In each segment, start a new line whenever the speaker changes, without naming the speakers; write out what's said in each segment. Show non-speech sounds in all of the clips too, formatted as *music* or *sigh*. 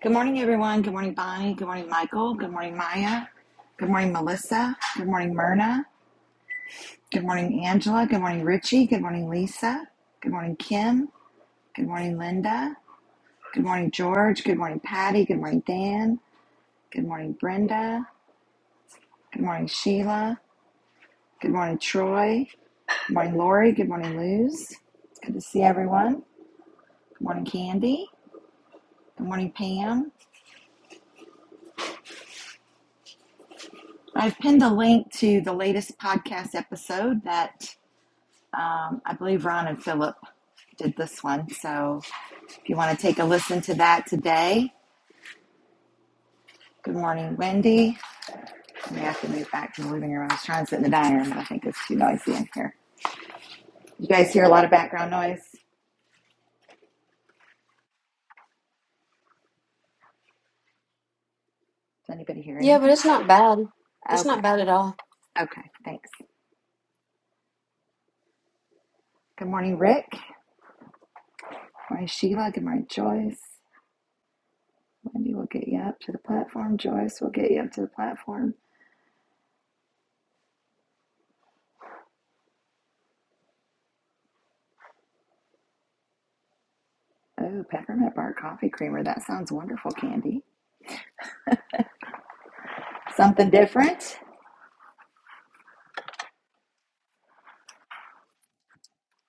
Good morning, everyone. Good morning, Bonnie. Good morning, Michael. Good morning, Maya. Good morning, Melissa. Good morning, Myrna. Good morning, Angela. Good morning, Richie. Good morning, Lisa. Good morning, Kim. Good morning, Linda. Good morning, George. Good morning, Patty. Good morning, Dan. Good morning, Brenda. Good morning, Sheila. Good morning, Troy. Good morning, Lori. Good morning, Luz. It's good to see everyone. Good morning, Candy. Good morning, Pam. I've pinned a link to the latest podcast episode that Um, I believe Ron and Philip did this one. So if you want to take a listen to that today, good morning, Wendy. We have to move back to the living room. I was trying to sit in the dining room, but I think it's too noisy in here. You guys hear a lot of background noise? Does anybody hear
Yeah, but
anything?
it's not bad. It's
Okay,
not bad at all.
okay, thanks. Good morning, Rick. Good morning, Sheila. Good morning, Joyce. Wendy will get you up to the platform. Joyce will get you up to the platform. Oh, peppermint bark coffee creamer. That sounds wonderful, Candy. Something different.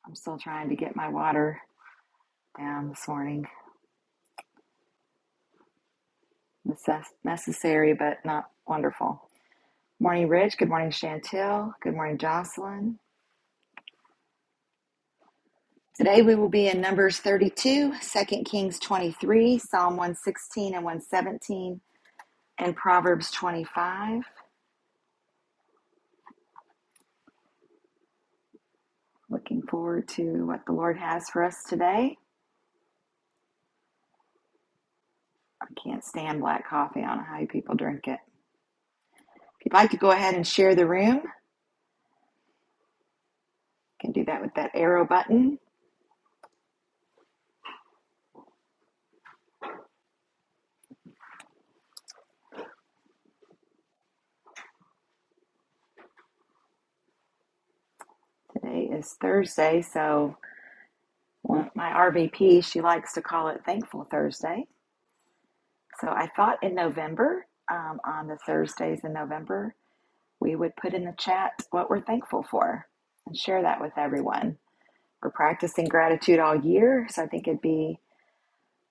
I'm still trying to get my water down this morning. Necess- necessary, but not wonderful. Morning, Rich. Good morning, Chantel. Good morning, Jocelyn. Today we will be in Numbers 32, Second Kings 23, Psalm 116 and 117, and Proverbs 25. Looking forward to what the Lord has for us today. I can't stand black coffee. I don't know how you people drink it. If you'd like to go ahead and share the room, you can do that with that arrow button. Today is Thursday, so Well, my RVP, she likes to call it Thankful Thursday. So I thought in November, um, on the Thursdays in November, we would put in the chat what we're thankful for and share that with everyone. We're practicing gratitude all year, so I think it'd be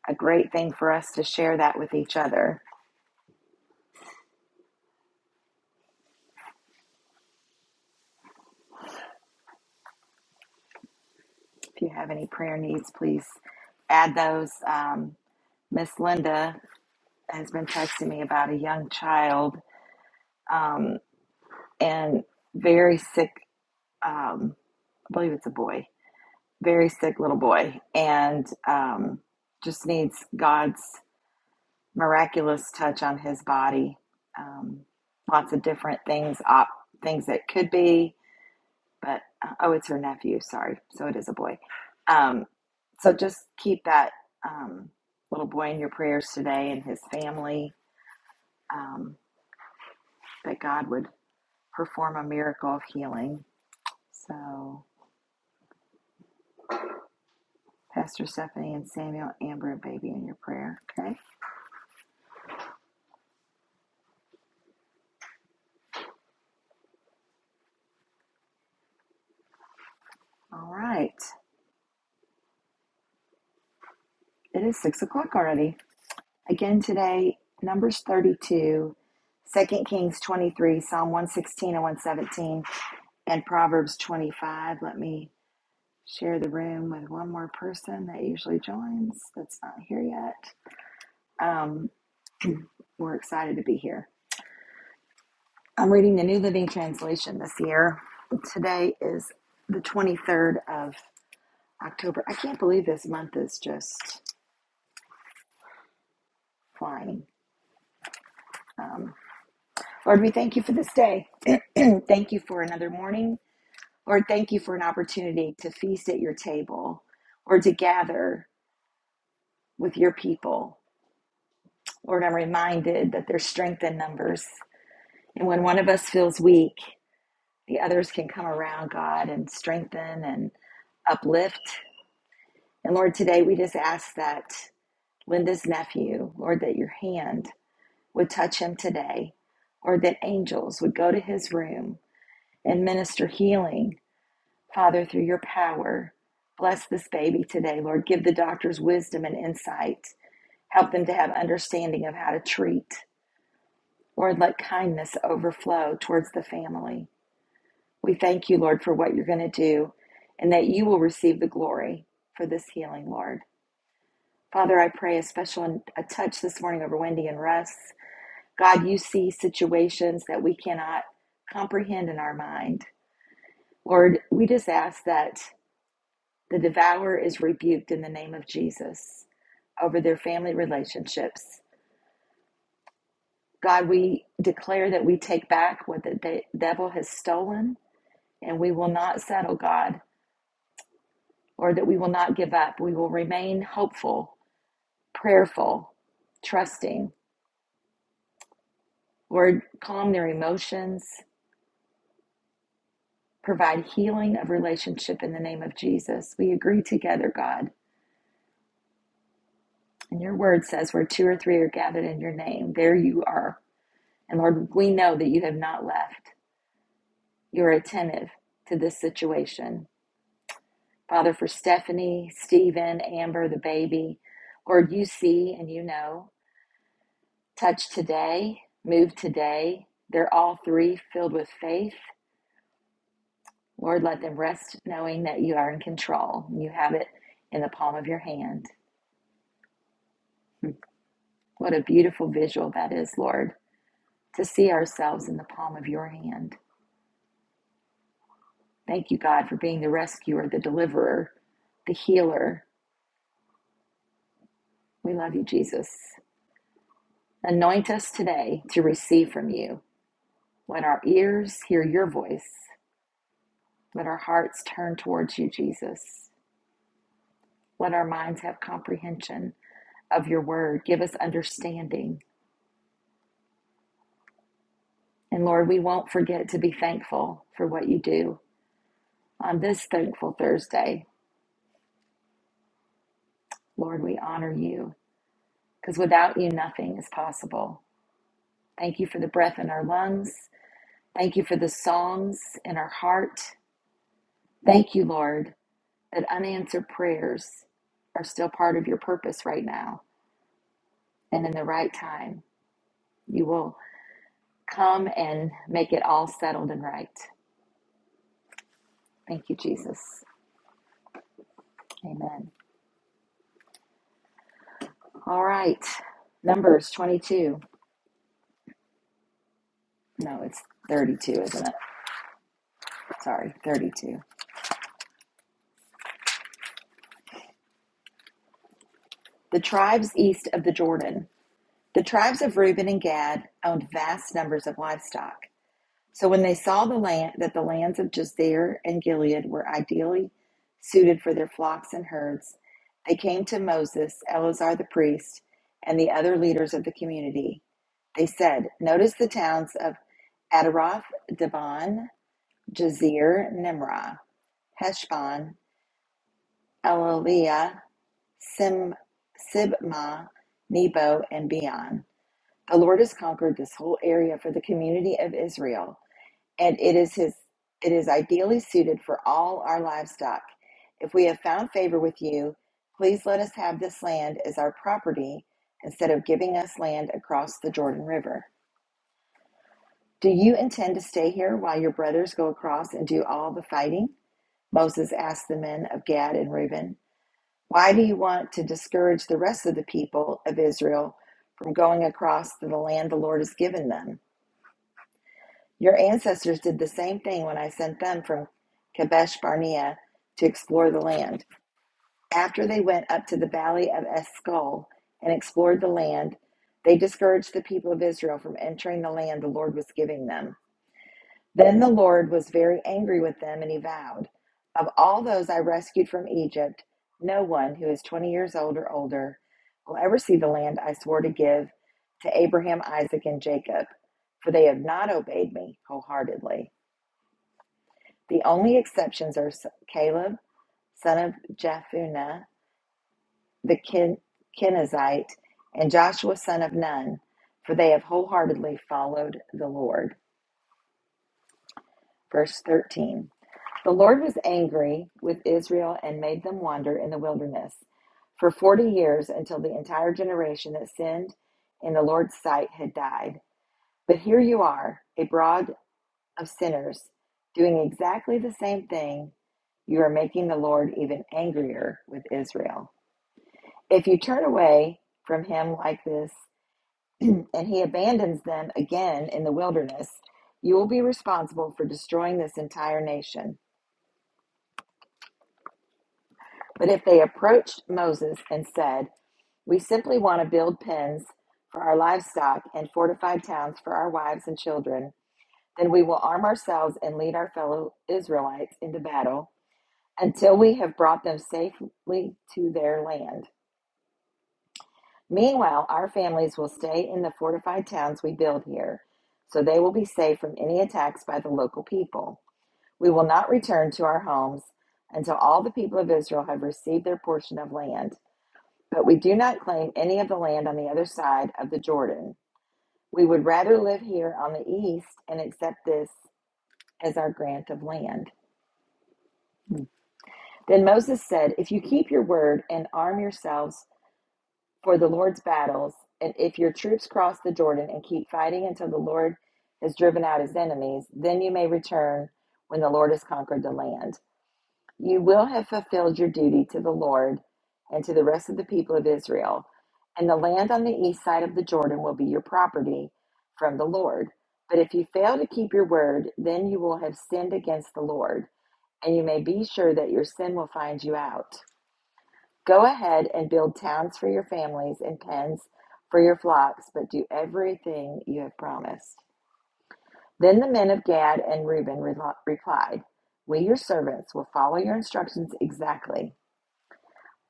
a great thing for us to share that with each other. If you have any prayer needs, please add those. Um, Miss Linda has been texting me about a young child um, and very sick. Um, I believe it's a boy very sick little boy and um, just needs God's miraculous touch on his body. Um, lots of different things, op- things that could be, but uh, oh, it's her nephew. Sorry, so it is a boy. Um, so just keep that um, little boy in your prayers today and his family. Um, that God would perform a miracle of healing. So, Pastor Stephanie and Samuel, Amber, and baby in your prayer. Okay. All right. It is six o'clock already. Again today, Numbers 32, Second Kings 23, Psalm 116 and 117, and Proverbs 25. Let me share the room with one more person that usually joins that's not here yet. Um, we're excited to be here. I'm reading the New Living Translation this year. Today is the 23rd of October. I can't believe this month is just flying. Um, Lord, we thank you for this day. *clears throat* thank you for another morning. Lord, thank you for an opportunity to feast at your table or to gather with your people. Lord, I'm reminded that there's strength in numbers. And when one of us feels weak, the others can come around, God, and strengthen and uplift. And Lord, today we just ask that Linda's nephew, Lord, that your hand would touch him today, or that angels would go to his room and minister healing Father, through your power, bless this baby today, Lord. Give the doctors wisdom and insight. Help them to have understanding of how to treat. Lord, let kindness overflow towards the family. We thank you, Lord, for what you're going to do and that you will receive the glory for this healing, Lord. Father, I pray a special a touch this morning over Wendy and Russ. God, you see situations that we cannot comprehend in our mind. Lord, we just ask that The devourer is rebuked in the name of Jesus over their family relationships. God, we declare that we take back what the devil has stolen and we will not settle, God, or that we will not give up. We will remain hopeful, prayerful, trusting. Lord, calm their emotions, provide healing of relationship in the name of Jesus. We agree together, God. And your word says, where two or three are gathered in your name, there you are. And Lord, we know that you have not left. you're attentive to this situation. Father, for Stephanie, Stephen, Amber, the baby, Lord, you see and you know. Touch today, move today. They're all three filled with faith. Lord, let them rest knowing that you are in control. You have it in the palm of your hand. What a beautiful visual that is, Lord, to see ourselves in the palm of your hand. Thank you, God, for being the rescuer, the deliverer, the healer. We love you, Jesus. Anoint us today to receive from you. Let our ears hear your voice. Let our hearts turn towards you, Jesus. Let our minds have comprehension of your word. Give us understanding. And Lord, we won't forget to be thankful for what you do. On this thankful Thursday, Lord, we honor you because without you, nothing is possible. Thank you for the breath in our lungs. Thank you for the songs in our heart. Thank you, Lord, that unanswered prayers are still part of your purpose right now. And in the right time, you will come and make it all settled and right. Thank you, Jesus. Amen. All right. Numbers 22. No, it's 32, isn't it? Sorry, 32. The tribes east of the Jordan. The tribes of Reuben and Gad owned vast numbers of livestock. So when they saw the land that the lands of Jazer and Gilead were ideally suited for their flocks and herds, they came to Moses, Eleazar the priest, and the other leaders of the community. They said, "Notice the towns of Adaroth, Dibon, Jazer, Nimrah, Heshbon, Elaleah, Sim, Sibmah, Nebo, and Beon. The Lord has conquered this whole area for the community of Israel." and it is his it is ideally suited for all our livestock. If we have found favor with you, please let us have this land as our property instead of giving us land across the Jordan River. Do you intend to stay here while your brothers go across and do all the fighting? Moses asked the men of Gad and Reuben. Why do you want to discourage the rest of the people of Israel from going across to the land the Lord has given them? Your ancestors did the same thing when I sent them from Kadesh Barnea to explore the land. After they went up to the valley of Escol and explored the land, they discouraged the people of Israel from entering the land the Lord was giving them. Then the Lord was very angry with them, and he vowed, Of all those I rescued from Egypt, no one who is 20 years old or older will ever see the land I swore to give to Abraham, Isaac, and Jacob, for they have not obeyed me wholeheartedly. The only exceptions are Caleb, son of Jephunneh, the Ken- Kenizzite, and Joshua, son of Nun, for they have wholeheartedly followed the Lord. Verse 13 The Lord was angry with Israel and made them wander in the wilderness for 40 years until the entire generation that sinned in the Lord's sight had died. But here you are, a broad of sinners, doing exactly the same thing, you are making the Lord even angrier with Israel. If you turn away from him like this *clears throat* and he abandons them again in the wilderness, you will be responsible for destroying this entire nation. But if they approached Moses and said, We simply want to build pens for our livestock and fortified towns for our wives and children, then we will arm ourselves and lead our fellow Israelites into battle until we have brought them safely to their land. Meanwhile, our families will stay in the fortified towns we build here, so they will be safe from any attacks by the local people. We will not return to our homes until all the people of Israel have received their portion of land. But we do not claim any of the land on the other side of the Jordan. We would rather live here on the east and accept this as our grant of land. Then Moses said, If you keep your word and arm yourselves, for the Lord's battles, and if your troops cross the Jordan and keep fighting until the Lord has driven out his enemies, then you may return when the Lord has conquered the land. You will have fulfilled your duty to the Lord and to the rest of the people of Israel, and the land on the east side of the Jordan will be your property from the Lord. But if you fail to keep your word, then you will have sinned against the Lord, and you may be sure that your sin will find you out. Go ahead and build towns for your families and pens for your flocks, but do everything you have promised. Then the men of Gad and Reuben relo- replied, We, your servants, will follow your instructions exactly.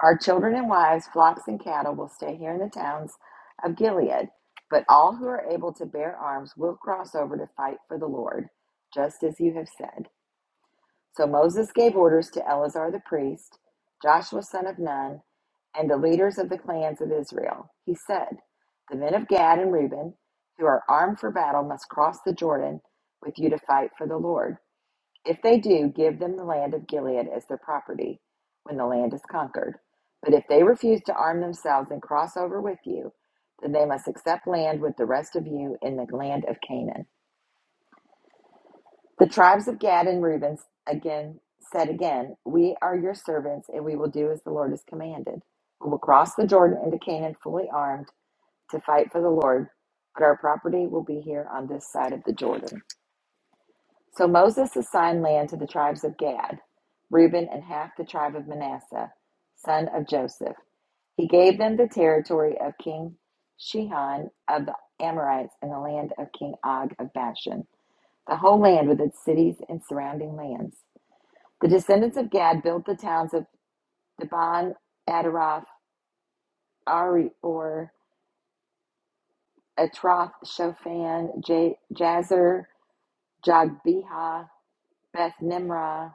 Our children and wives, flocks and cattle will stay here in the towns of Gilead, but all who are able to bear arms will cross over to fight for the Lord, just as you have said. So Moses gave orders to Eleazar the priest, Joshua son of Nun, and the leaders of the clans of Israel. He said, The men of Gad and Reuben, who are armed for battle, must cross the Jordan with you to fight for the Lord. If they do, give them the land of Gilead as their property when the land is conquered. But if they refuse to arm themselves and cross over with you, then they must accept land with the rest of you in the land of Canaan. The tribes of Gad and Reuben again said again, We are your servants, and we will do as the Lord has commanded. We will cross the Jordan into Canaan fully armed to fight for the Lord, but our property will be here on this side of the Jordan. So Moses assigned land to the tribes of Gad, Reuben, and half the tribe of Manasseh, son of Joseph. He gave them the territory of King Shihon of the Amorites and the land of King Og of Bashan the whole land with its cities and surrounding lands. The descendants of Gad built the towns of Dibon, Adaroth, Ari, Atroth, Shofan, J- Jazer, Jogbeha, Beth Nimrah,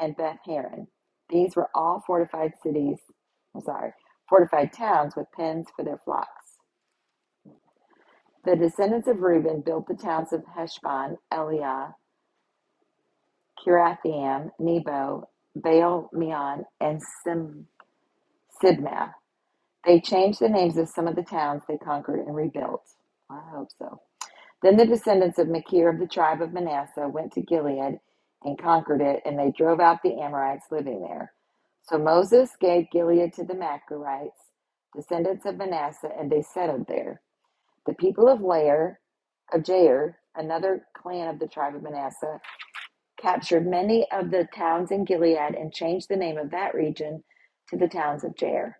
and Beth Haran. These were all fortified cities, I'm sorry, fortified towns with pens for their flocks. The descendants of Reuben built the towns of Heshbon, Eliah, Kirathaim, Nebo, Baal Meon, and Sim- Sibmath. They changed the names of some of the towns they conquered and rebuilt. I hope so. Then the descendants of Machir of the tribe of Manasseh went to Gilead and conquered it, and they drove out the Amorites living there. So Moses gave Gilead to the Machirites, descendants of Manasseh, and they settled there. The people of Lair, of Jair, another clan of the tribe of Manasseh, captured many of the towns in Gilead and changed the name of that region to the towns of Jair.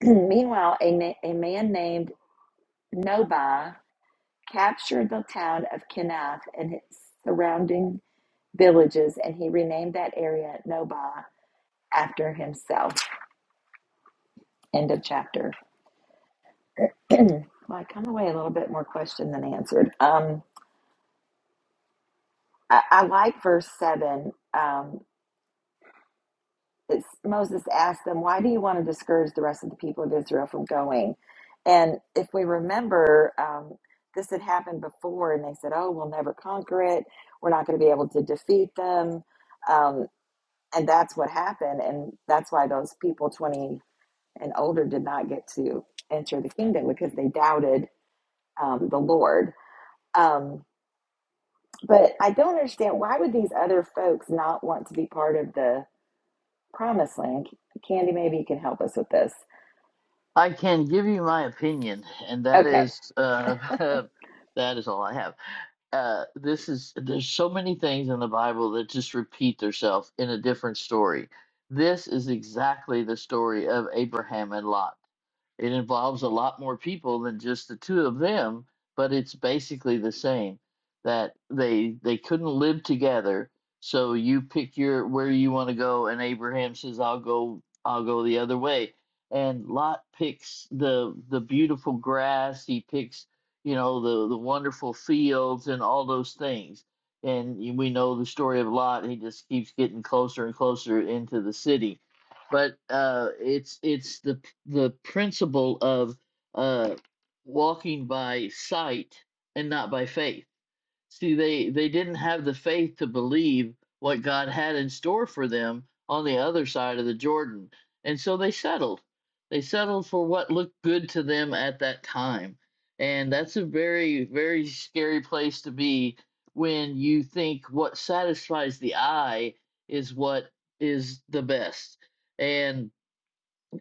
*clears throat* Meanwhile, a, na- a man named Nobi captured the town of Kenath and its surrounding villages, and he renamed that area Nobi after himself. End of chapter. *clears throat* well, I come away a little bit more question than answered. Um, I, I like verse 7. Um, it's, Moses asked them, Why do you want to discourage the rest of the people of Israel from going? And if we remember, um, this had happened before, and they said, Oh, we'll never conquer it. We're not going to be able to defeat them. Um, and that's what happened. And that's why those people 20 and older did not get to enter the kingdom because they doubted um, the Lord. Um, but I don't understand why would these other folks not want to be part of the promised land? Candy, maybe you can help us with this.
I can give you my opinion, and that
Okay,
is uh, *laughs* that is all I have. Uh, this is there's so many things in the Bible that just repeat themselves in a different story. This is exactly the story of Abraham and Lot. It involves a lot more people than just the two of them, but it's basically the same that they they couldn't live together. So you pick your where you want to go and Abraham says I'll go I'll go the other way. And Lot picks the the beautiful grass, he picks, you know, the the wonderful fields and all those things. And we know the story of Lot, he just keeps getting closer and closer into the city but uh, it's it's the the principle of uh, walking by sight and not by faith. See, they, they didn't have the faith to believe what God had in store for them on the other side of the Jordan. And so they settled. They settled for what looked good to them at that time. And that's a very, very scary place to be when you think what satisfies the eye is what is the best. And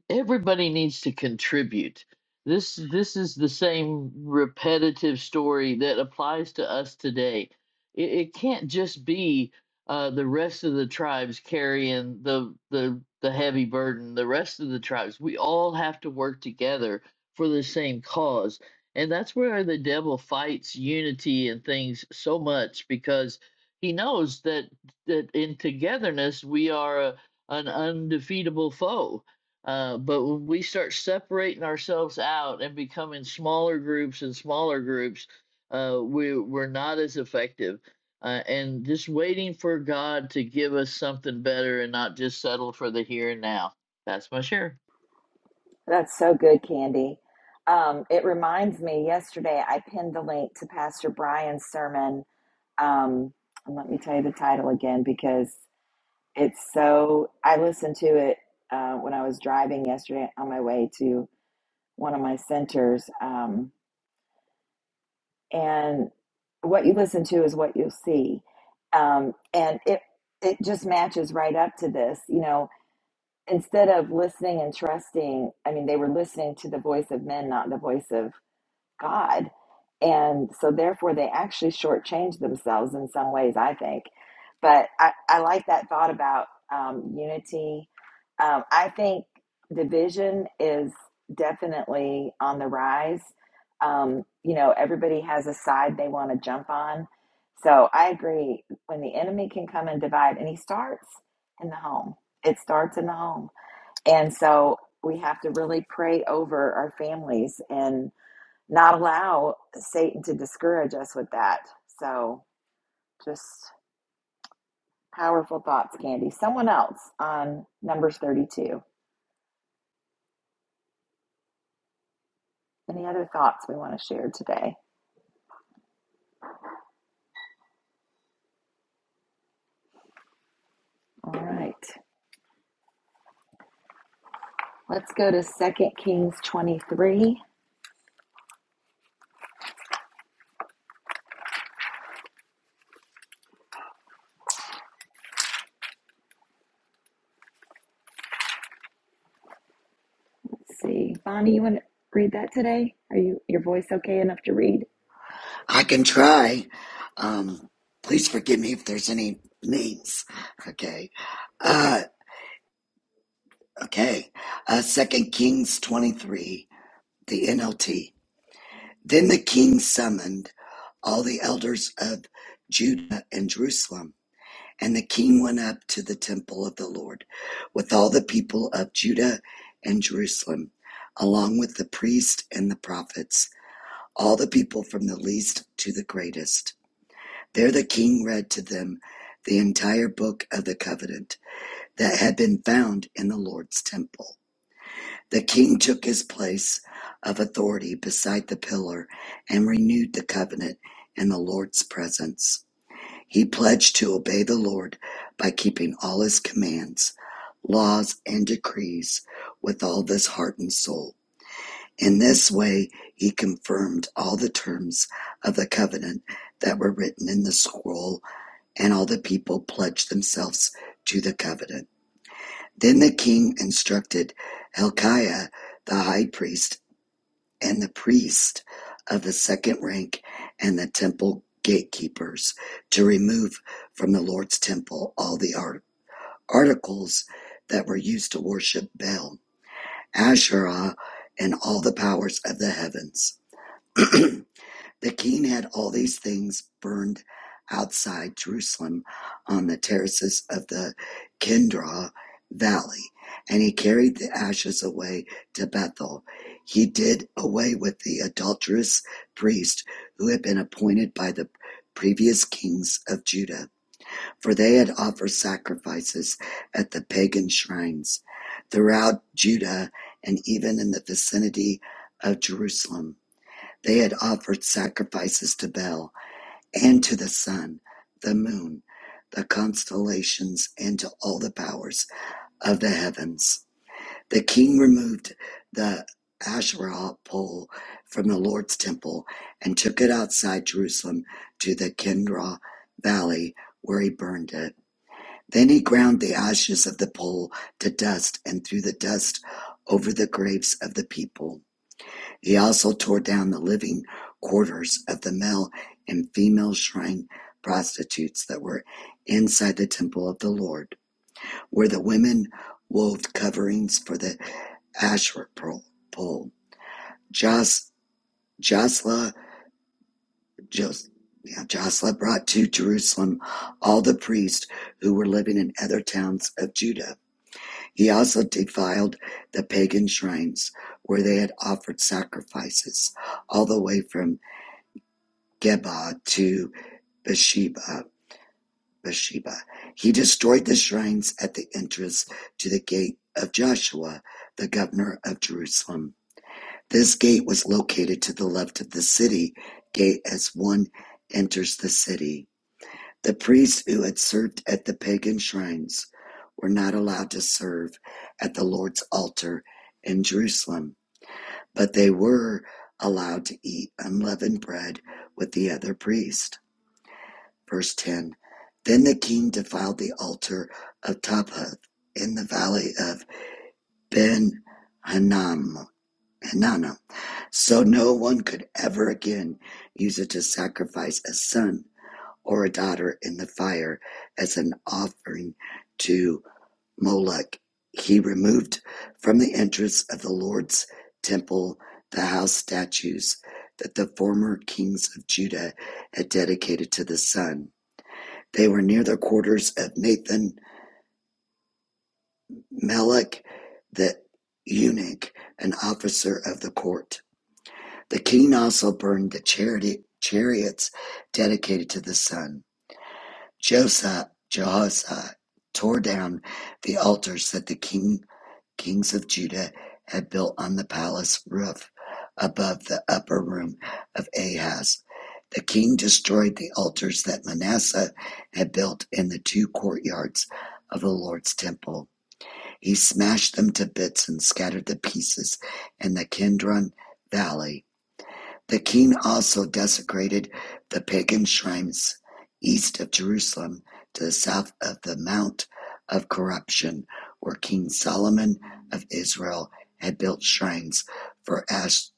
everybody needs to contribute this this is the same repetitive story that applies to us today it, it can't just be uh, the rest of the tribes carrying the the the heavy burden the rest of the tribes we all have to work together for the same cause and that's where the devil fights unity and things so much because he knows that that in togetherness we are a, an undefeatable foe uh, but when we start separating ourselves out and becoming smaller groups and smaller groups, uh, we, we're not as effective. Uh, and just waiting for God to give us something better and not just settle for the here and now. That's my share.
that's so good, Candy. Um, it reminds me, yesterday I pinned the link to Pastor Brian's sermon. Um, and let me tell you the title again because it's so, I listened to it uh, when I was driving yesterday on my way to one of my centers. Um, and what you listen to is what you'll see. Um, and it, it just matches right up to this. You know, instead of listening and trusting, I mean, they were listening to the voice of men, not the voice of God. And so, therefore, they actually shortchanged themselves in some ways, I think. But I, I like that thought about um, unity. Um, I think division is definitely on the rise. Um, you know, everybody has a side they want to jump on. So I agree. When the enemy can come and divide, and he starts in the home, it starts in the home and so we have to really pray over our families and not allow Satan to discourage us with that. So just powerful thoughts, Candy. Someone else on Numbers 32. Any other thoughts we want to share today? All right. Let's go to Second Kings 23. Let's see. Bonnie, you want to read that today? Are you your voice okay enough to read? It's
I can try. Um, please forgive me if there's any names. Okay.
okay.
Uh, okay. Uh, Second Kings 23, the NLT. Then the king summoned all the elders of Judah and Jerusalem. And the king went up to the temple of the Lord with all the people of Judah and Jerusalem, along with the priests and the prophets, all the people from the least to the greatest. There the king read to them the entire book of the covenant that had been found in the Lord's temple. The king took his place of authority beside the pillar and renewed the covenant in the Lord's presence. He pledged to obey the Lord by keeping all his commands, laws, and decrees with all his heart and soul. In this way, he confirmed all the terms of the covenant that were written in the scroll and all the people pledged themselves to the covenant. Then the king instructed Hilkiah the high priest and the priest of the second rank and the temple gatekeepers to remove from the Lord's temple all the art- articles that were used to worship Baal, Asherah, and all the powers of the heavens. *clears throat* The king had all these things burned outside Jerusalem on the terraces of the Kindra Valley, and he carried the ashes away to Bethel. He did away with the adulterous priest who had been appointed by the previous kings of Judah, for they had offered sacrifices at the pagan shrines throughout Judah and even in the vicinity of Jerusalem. They had offered sacrifices to Bel, and to the sun, the moon, the constellations, and to all the powers of the heavens. The king removed the Asherah pole from the Lord's temple and took it outside Jerusalem to the Kindra valley, where he burned it. Then he ground the ashes of the pole to dust and threw the dust over the graves of the people. He also tore down the living quarters of the male and female shrine prostitutes that were inside the temple of the Lord, where the women wove coverings for the Asherah pole. Jos, Josla, Jos, yeah, Josla brought to Jerusalem all the priests who were living in other towns of Judah. He also defiled the pagan shrines where they had offered sacrifices all the way from Geba to Beersheba. Beersheba. He destroyed the shrines at the entrance to the gate of Joshua, the governor of Jerusalem. This gate was located to the left of the city gate as one enters the city. The priests who had served at the pagan shrines were not allowed to serve at the Lord's altar in Jerusalem, but they were allowed to eat unleavened bread with the other priests. Verse 10 Then the king defiled the altar of Tophath in the valley of Ben Hananel. Hananel, so no one could ever again use it to sacrifice a son or a daughter in the fire as an offering to Moloch. He removed from the entrance of the Lord's temple the house statues that the former kings of Judah had dedicated to the sun they were near the quarters of Nathan-melech the eunuch, an officer of the court. The king also burned the charity- chariots dedicated to the sun. Josi- Jehoshaphat tore down the altars that the king Kings of Judah had built on the palace roof above the upper room of Ahaz. The king destroyed the altars that Manasseh had built in the two courtyards of the Lord's temple. He smashed them to bits and scattered the pieces in the Kidron valley the king also desecrated the pagan shrines east of Jerusalem to the south of the Mount of Corruption, where King Solomon of Israel had built shrines for Ashtoreth,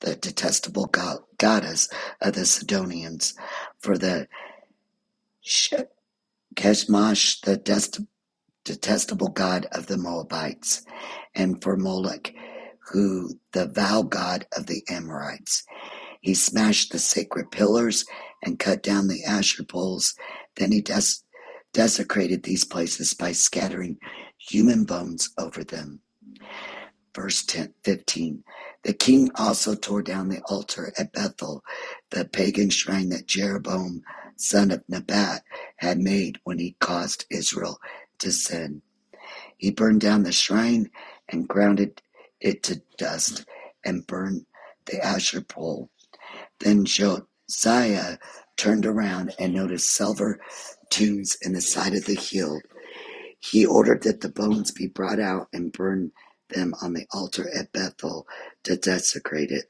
the detestable go- goddess of the Sidonians, for the Sh- Keshmash, the dest- detestable god of the Moabites, and for Moloch, who the vow god of the Amorites. He smashed the sacred pillars and cut down the Asher poles. Then he des- desecrated these places by scattering human bones over them. Verse 10, 15. The king also tore down the altar at Bethel, the pagan shrine that Jeroboam, son of Nebat, had made when he caused Israel to sin. He burned down the shrine and ground it to dust and burned the Asher pole then Josiah turned around and noticed silver tubes in the side of the hill. He ordered that the bones be brought out and burned them on the altar at Bethel to desecrate it.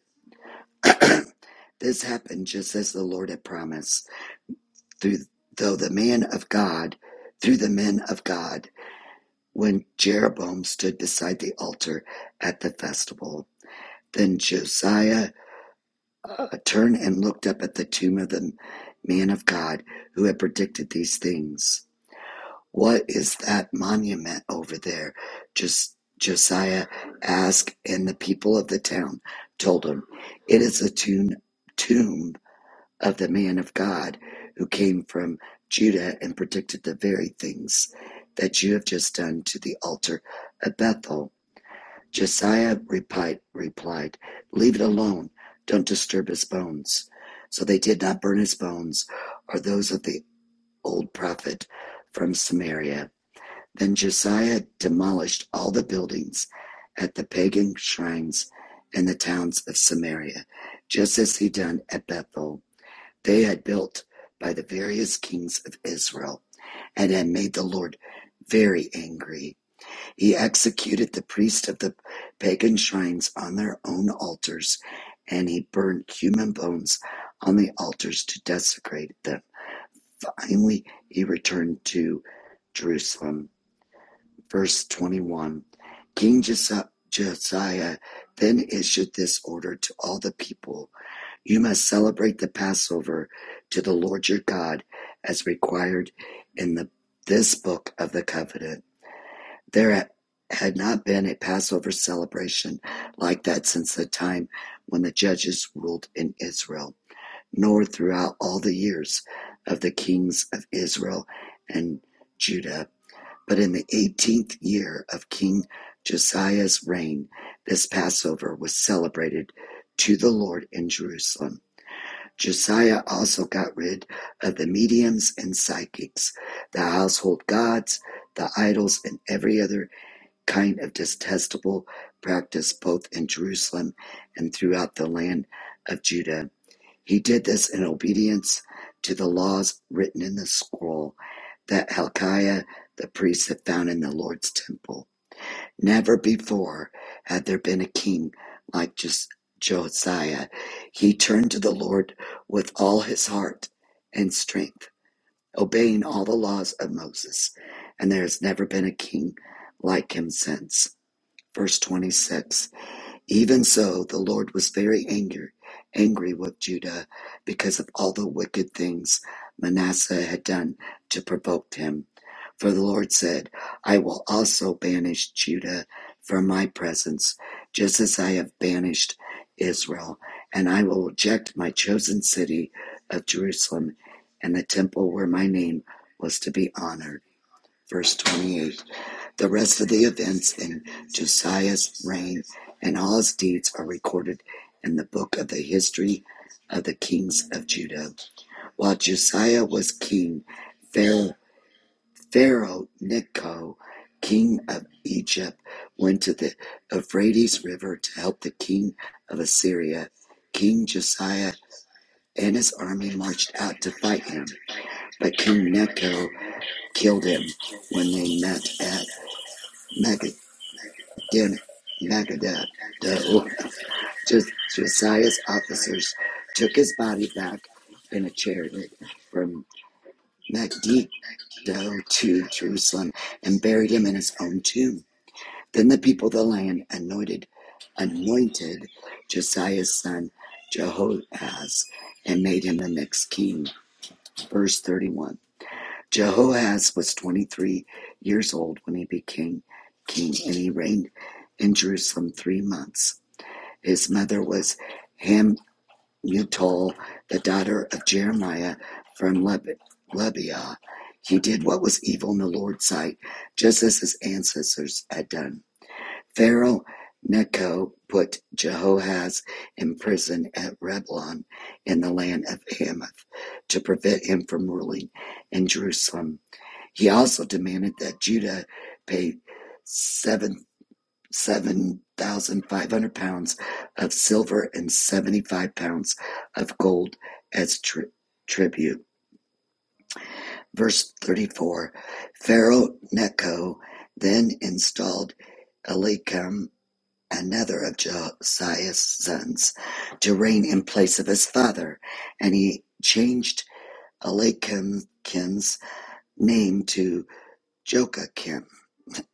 This happened just as the Lord had promised, through, though the man of God, through the men of God, when Jeroboam stood beside the altar at the festival. Then Josiah uh, turned and looked up at the tomb of the man of God who had predicted these things. What is that monument over there? Just Josiah asked, and the people of the town told him, It is a tomb, tomb of the man of God who came from Judah and predicted the very things that you have just done to the altar of Bethel. Josiah replied, replied, Leave it alone. Don't disturb his bones. So they did not burn his bones or those of the old prophet from Samaria. Then Josiah demolished all the buildings at the pagan shrines in the towns of Samaria, just as he done at Bethel. They had built by the various kings of Israel and had made the Lord very angry. He executed the priests of the pagan shrines on their own altars, and he burned human bones on the altars to desecrate them. Finally, he returned to Jerusalem. Verse 21 King Josiah then issued this order to all the people You must celebrate the Passover to the Lord your God as required in the, this book of the covenant there had not been a Passover celebration like that since the time when the judges ruled in Israel, nor throughout all the years of the kings of Israel and Judah. But in the 18th year of King Josiah's reign, this Passover was celebrated to the Lord in Jerusalem. Josiah also got rid of the mediums and psychics, the household gods, the idols, and every other kind of detestable practice both in Jerusalem and throughout the land of Judah. He did this in obedience to the laws written in the scroll that Hilkiah the priest had found in the Lord's temple. Never before had there been a king like just Josiah. He turned to the Lord with all his heart and strength, obeying all the laws of Moses, and there has never been a king like him since. Verse 26 Even so, the Lord was very angry, angry with Judah because of all the wicked things Manasseh had done to provoke him. For the Lord said, I will also banish Judah from my presence, just as I have banished Israel, and I will reject my chosen city of Jerusalem and the temple where my name was to be honored. Verse 28. The rest of the events in Josiah's reign and all his deeds are recorded in the book of the history of the kings of Judah. While Josiah was king, Pharaoh, Pharaoh Necho, king of Egypt, went to the Euphrates River to help the king of Assyria. King Josiah and his army marched out to fight him, but King Necho killed him when they met at Then Megadeth, the Josiah's officers, took his body back in a chariot from Megiddo to Jerusalem and buried him in his own tomb. Then the people of the land anointed anointed Josiah's son Jehoahaz, and made him the next king. Verse 31. Jehoahaz was 23 years old when he became king, and he reigned in Jerusalem three months. His mother was Hamutol, the daughter of Jeremiah from Leb- Lebiah. He did what was evil in the Lord's sight, just as his ancestors had done. Pharaoh Necho put Jehoahaz in prison at Reblon in the land of Hamath to prevent him from ruling in Jerusalem. He also demanded that Judah pay seven seven thousand five hundred pounds of silver and seventy five pounds of gold as tri- tribute. Verse thirty four Pharaoh Necho then installed Eliakim, another of Josiah's sons, to reign in place of his father, and he changed Eliakim's name to Joachim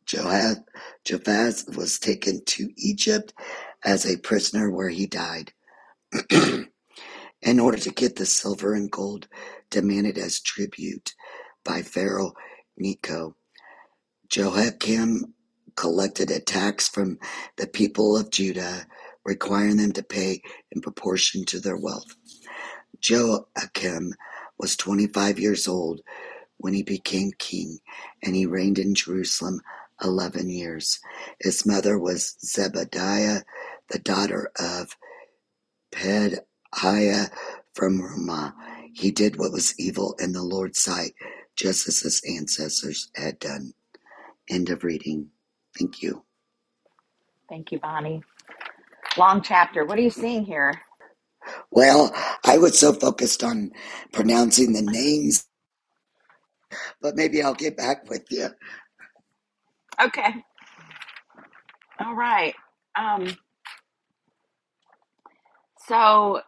Joaz was taken to Egypt as a prisoner where he died *clears throat* in order to get the silver and gold demanded as tribute by Pharaoh Necho. Jehoiakim collected a tax from the people of Judah, requiring them to pay in proportion to their wealth. Joachim was 25 years old when he became king, and he reigned in Jerusalem eleven years. His mother was Zebadiah, the daughter of Pedaiah from Ramah. He did what was evil in the Lord's sight, just as his ancestors had done. End of reading. Thank you.
Thank you, Bonnie. Long chapter. What are you seeing here?
Well, I was so focused on pronouncing the names, but maybe I'll get back with you.
Okay. All right. Um. So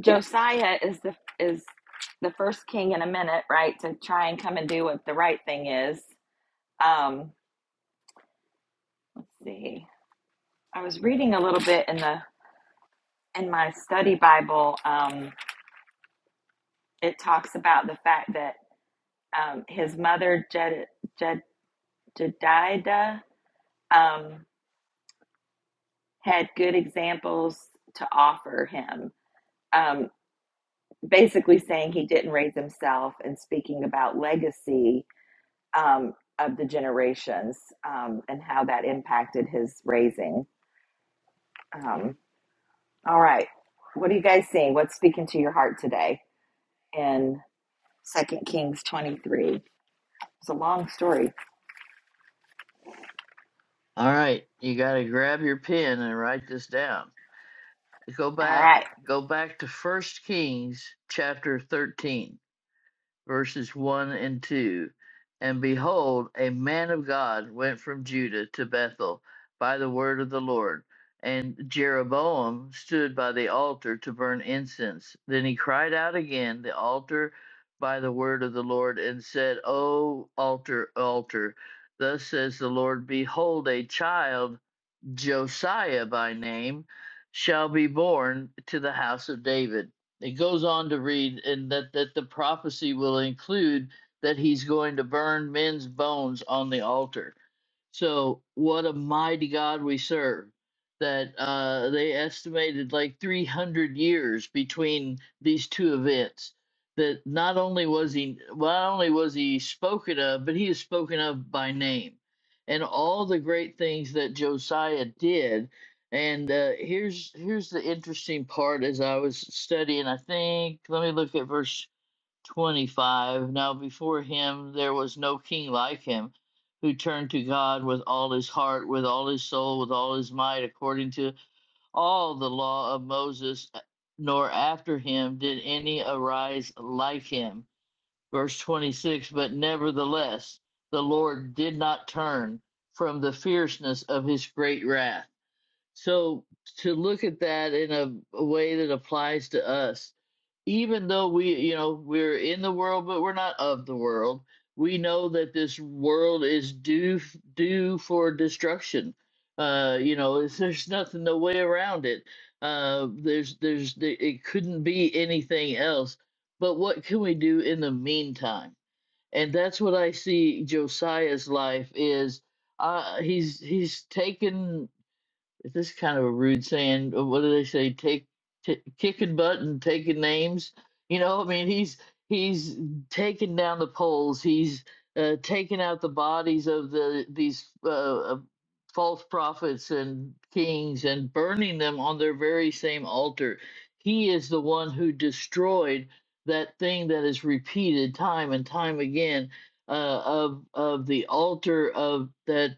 Josiah is the is the first king in a minute, right? To try and come and do what the right thing is. Um, let's see. I was reading a little bit in the in my study Bible. Um, it talks about the fact that um, his mother Jed, Jed, Jedida um, had good examples to offer him. Um, basically, saying he didn't raise himself and speaking about legacy um, of the generations um, and how that impacted his raising. Um, all right, what are you guys seeing? What's speaking to your heart today in Second Kings twenty three? It's a long story.
All right, you got to grab your pen and write this down. Go
All
back,
right,
go back to First Kings chapter 13. verses 1 and 2. And behold, a man of God went from Judah to Bethel by the word of the Lord. And Jeroboam stood by the altar to burn incense. Then he cried out again, the altar by the word of the Lord, and said, O altar, altar, thus says the Lord, behold, a child. Josiah by name, shall be born to the house of David. It goes on to read, and that, that the prophecy will include that he's going to burn men's bones on the altar. So, what a mighty God we serve! That uh, they estimated like 300 years between these two events. That not only was he, well, not only was he spoken of, but he is spoken of by name and all the great things that Josiah did. And uh, here's here's the interesting part as I was studying. I think let me look at verse 25. Now before him there was no king like him, who turned to God with all his heart, with all his soul, with all his might, according to all the law of Moses. Nor after him did any arise like him. Verse 26 But nevertheless, the Lord did not turn from the fierceness of his great wrath. So, to look at that in a, a way that applies to us, even though we, you know, we're in the world, but we're not of the world, we know that this world is due due for destruction. Uh, you know, *laughs* it's, there's nothing no way around it. Uh, there's there's it couldn't be anything else. But what can we do in the meantime? and that's what I see Josiah's life is. Uh, he's he's taken is this kind of a rude saying? Uh, What do they say? Take, t- kicking butt and taking names. You know, I mean, he's he's taking down the poles. He's uh, taking out the bodies of the these uh, uh, false prophets and kings and burning them on their very same altar. He is the one who destroyed that thing that is repeated time and time again uh, of of the altar of that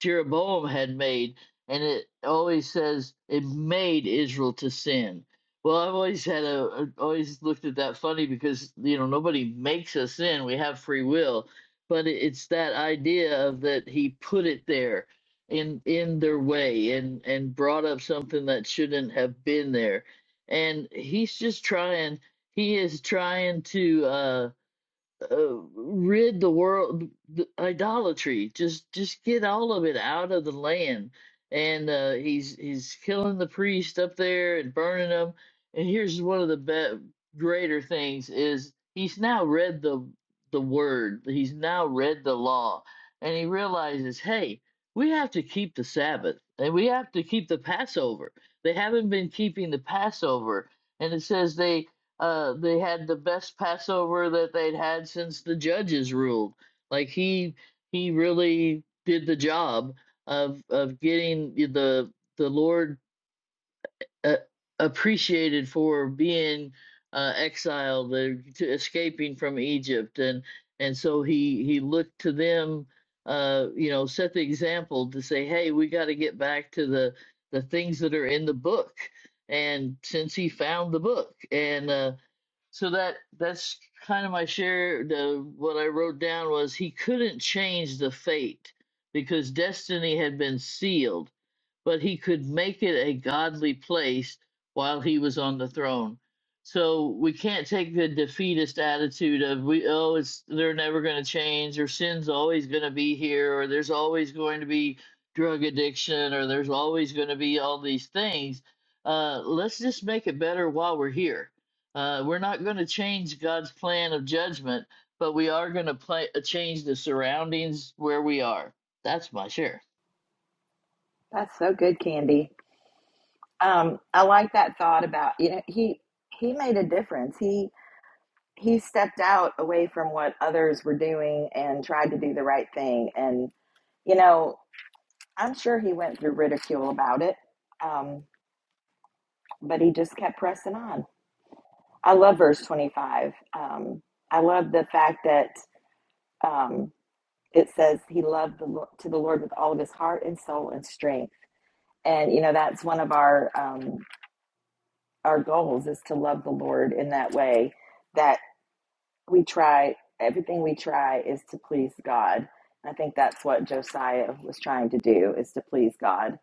Jeroboam had made, and it always says it made Israel to sin. Well, I've always had a a- always looked at that funny because you know nobody makes us sin; we have free will. But it- it's that idea of that he put it there in in their way and and brought up something that shouldn't have been there, and he's just trying. He is trying to. uh, uh, rid the world the idolatry just just get all of it out of the land and uh he's he's killing the priest up there and burning them and here's one of the be- greater things is he's now read the the word he's now read the law and he realizes hey we have to keep the sabbath and we have to keep the passover they haven't been keeping the passover and it says they uh, they had the best Passover that they'd had since the judges ruled. Like he he really did the job of of getting the the Lord uh, appreciated for being uh, exiled, uh, to escaping from Egypt, and and so he he looked to them, uh, you know, set the example to say, hey, we got to get back to the the things that are in the book. And since he found the book, and uh, so that that's kind of my share the what i wrote down was he couldn't change the fate because destiny had been sealed but he could make it a godly place while he was on the throne. So we can't take the defeatist attitude of we oh it's they're never going to change or sin's always going to be here or there's always going to be drug addiction or there's always going to be all these things. Uh, let's just make it better while we're here. Uh, we're not going to change God's plan of judgment, but we are going to play, change the surroundings where we are. That's my share.
that's so good, Candy. Um, I like that thought about you know he he made a difference. He he stepped out away from what others were doing and tried to do the right thing. And you know, I'm sure he went through ridicule about it. Um, but he just kept pressing on. I love verse 25. Um, I love the fact that um, it says he loved the, Lo- to the Lord with all of his heart and soul and strength. And you know that's one of our um, our goals is to love the Lord in that way that we try everything we try is to please God. I think that's what Josiah was trying to do is to please God.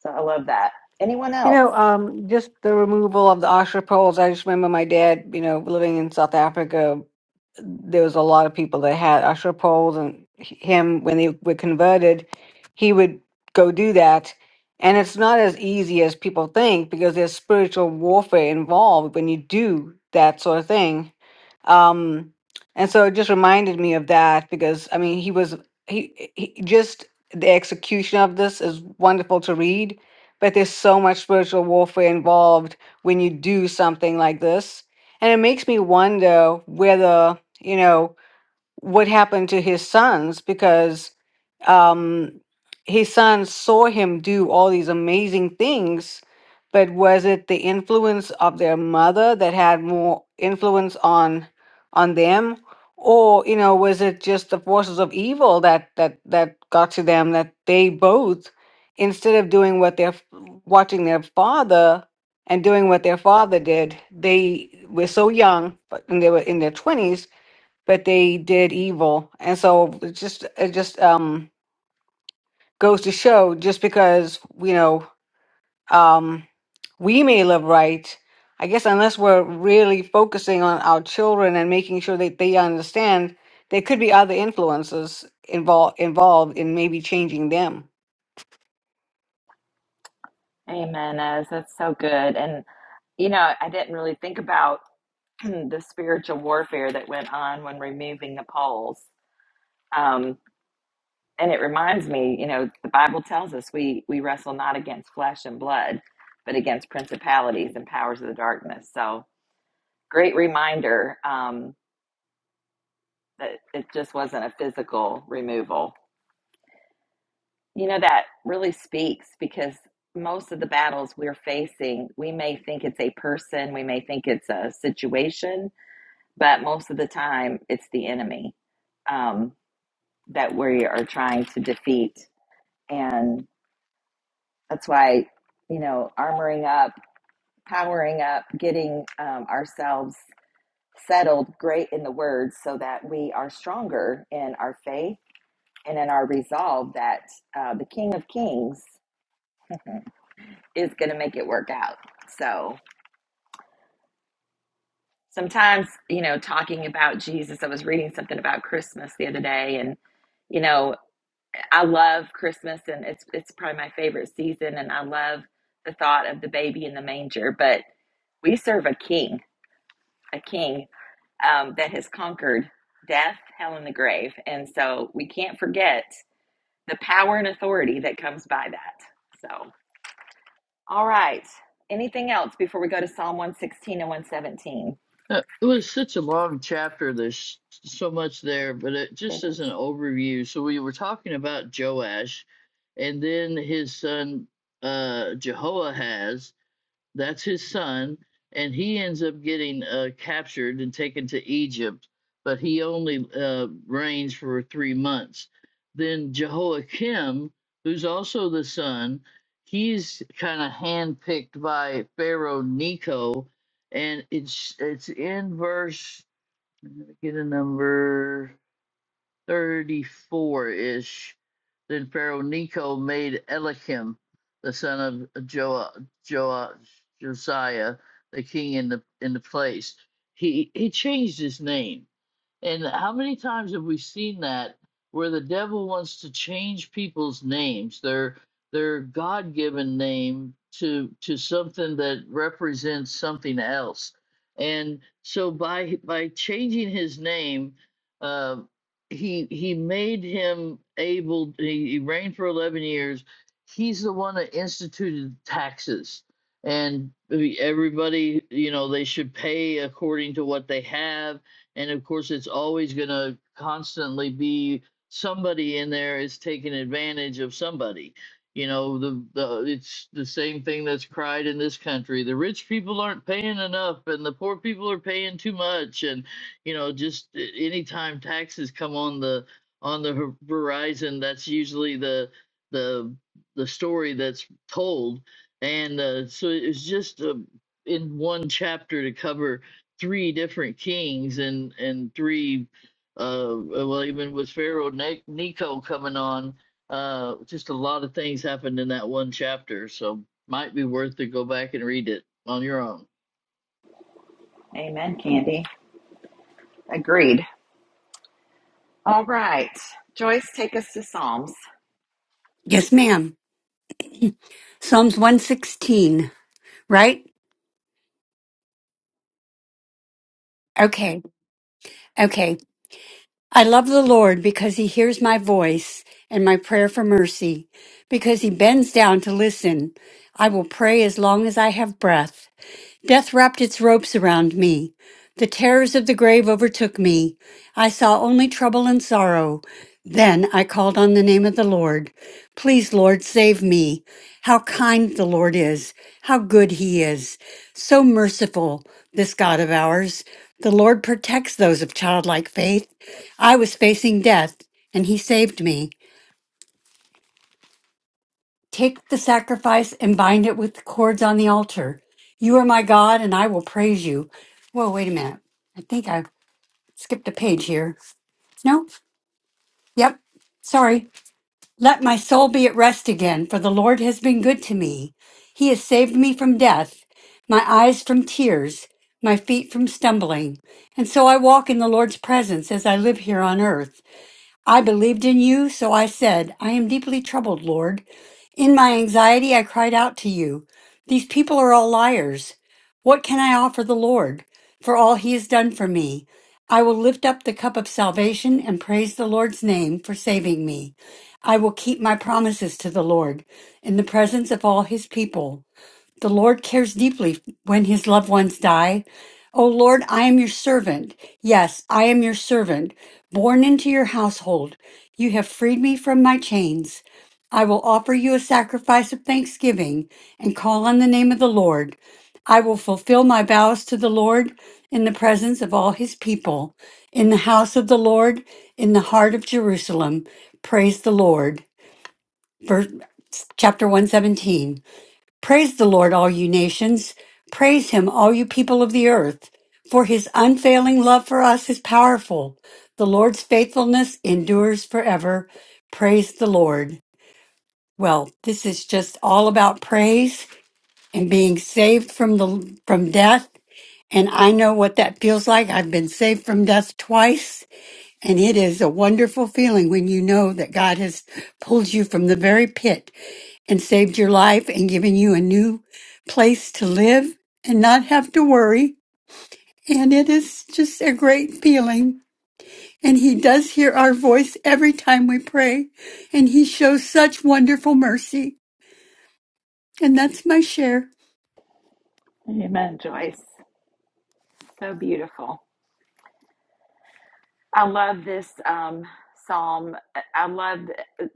So I love that. Anyone
You
else?
know, um, just the removal of the Oscar poles. I just remember my dad, you know, living in South Africa, there was a lot of people that had Oscar poles, and h- him, when they were converted, he would go do that. And it's not as easy as people think because there's spiritual warfare involved when you do that sort of thing. Um, and so it just reminded me of that because I mean he was he, he just the execution of this is wonderful to read, but there's so much spiritual warfare involved when you do something like this, and it makes me wonder whether you know what happened to his sons because um, his sons saw him do all these amazing things. But was it the influence of their mother that had more influence on on them, or you know, was it just the forces of evil that that that got to them that they both, instead of doing what their f- watching their father and doing what their father did, they were so young, but- and they were in their twenties but they did evil. And so it just it just um goes to show just because, you know, um we may live right, I guess unless we're really focusing on our children and making sure that they understand there could be other influences involved involved in maybe changing them.
Amen. As that's so good. And you know, I didn't really think about *clears throat* the spiritual warfare that went on when removing the poles. Um, and it reminds me, you know, the Bible tells us we we wrestle not against flesh and blood, but against principalities and powers of the darkness. So great reminder um, that it just wasn't a physical removal. You know, that really speaks because most of the battles we're facing, we may think it's a person, we may think it's a situation, but most of the time it's the enemy. Um, that we are trying to defeat. And that's why, you know, armoring up, powering up, getting um, ourselves settled great in the word so that we are stronger in our faith and in our resolve that uh, the King of Kings is going to make it work out. So sometimes, you know, talking about Jesus, I was reading something about Christmas the other day and you know. I love Christmas and it's it's probably my favorite season and I love the thought of the baby in the manger, but we serve a king, a king um, that has conquered death, hell, and the grave. And so we can't forget the power and authority that comes by that. So, all right. Anything else before we go to Psalm 116 and 117?
Uh, It was such a long chapter. There's so much there, but it
It
just as
is.
an overview. So we were talking about Joash, and then his son uh, Jehoahaz, that's his son, and he ends up getting uh, captured and taken to Egypt, but he only uh, reigns for three months. Then Jehoiakim, who's also the son, he's kind of handpicked by Pharaoh Necho, and it's it's in verse. Let me get a number. 34-ish. Then Pharaoh Necho made Elikim, the son of Joa, Joa, Josiah, the king in the in the place. He he changed his name. And how many times have we seen that where the devil wants to change people's names, their their God-given name to to something that represents something else. And so by by changing his name, uh, he he made him able. He, he reigned for eleven years. He's the one that instituted taxes, and everybody, you know, they should pay according to what they have and of course, it's always going to constantly be somebody in there is taking advantage of somebody. You know, the, the it's the same thing that's cried in this country. The rich people aren't paying enough, and the poor people are paying too much. And you know, just a- anytime taxes come on the on the hor- horizon, that's usually the the the story that's told. And uh, so it's just uh, in one chapter to cover three different kings and and three uh well even with pharaoh ne- nico coming on uh just a lot of things happened in that one chapter so might be worth to go back and read it on your own
Amen, Candy. Agreed. All right. Joyce, take us to Psalms.
Yes, ma'am. Psalms 116, right? Okay. Okay. I love the Lord because he hears my voice and my prayer for mercy, because he bends down to listen. I will pray as long as I have breath. Death wrapped its ropes around me. The terrors of the grave overtook me. I saw only trouble and sorrow. Then I called on the name of the Lord. Please, Lord, save me. How kind the Lord is. How good he is. So merciful, this God of ours. The Lord protects those of childlike faith. I was facing death, and he saved me. Take the sacrifice and bind it with the cords on the altar. You are my God, and I will praise you. Whoa, wait a minute. I think I skipped a page here. No? Yep. Sorry. Let my soul be at rest again, for the Lord has been good to me. He has saved me from death, my eyes from tears, my feet from stumbling. And so I walk in the Lord's presence as I live here on earth. I believed in you, so I said, I am deeply troubled, Lord. In my anxiety, I cried out to you. These people are all liars. What can I offer the Lord for all he has done for me? I will lift up the cup of salvation and praise the Lord's name for saving me. I will keep my promises to the Lord in the presence of all his people. The Lord cares deeply when his loved ones die. O Lord, I am your servant. Yes, I am your servant, born into your household. You have freed me from my chains. I will offer you a sacrifice of thanksgiving and call on the name of the Lord. I will fulfill my vows to the Lord in the presence of all his people, in the house of the Lord, in the heart of Jerusalem. Praise the Lord. Verse, chapter 117. Praise the Lord, all you nations. Praise him, all you people of the earth. For his unfailing love for us is powerful. The Lord's faithfulness endures forever. Praise the Lord. Well, this is just all about praise and being saved from the from death. And I know what that feels like. I've been saved from death twice, and it is a wonderful feeling when you know that God has pulled you from the very pit and saved your life and given you a new place to live and not have to worry. And it is just a great feeling. And He does hear our voice every time we pray. And He shows such wonderful mercy. And that's my share.
Amen. Joyce, so beautiful. I love this um, psalm. I love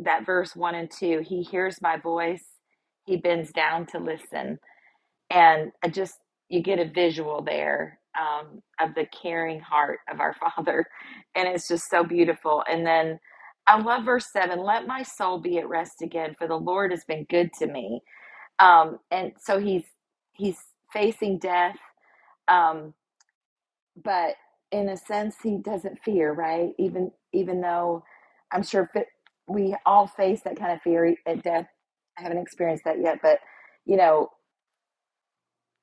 that verse one and two. He hears my voice, he bends down to listen. And I just, you get a visual there um, of the caring heart of our *laughs* Father. And it's just so beautiful. And then I love verse seven let my soul be at rest again, for the Lord has been good to me. Um, and so he's, he's facing death. Um, but in a sense he doesn't fear right even even though i'm sure we all face that kind of fear at death i haven't experienced that yet but you know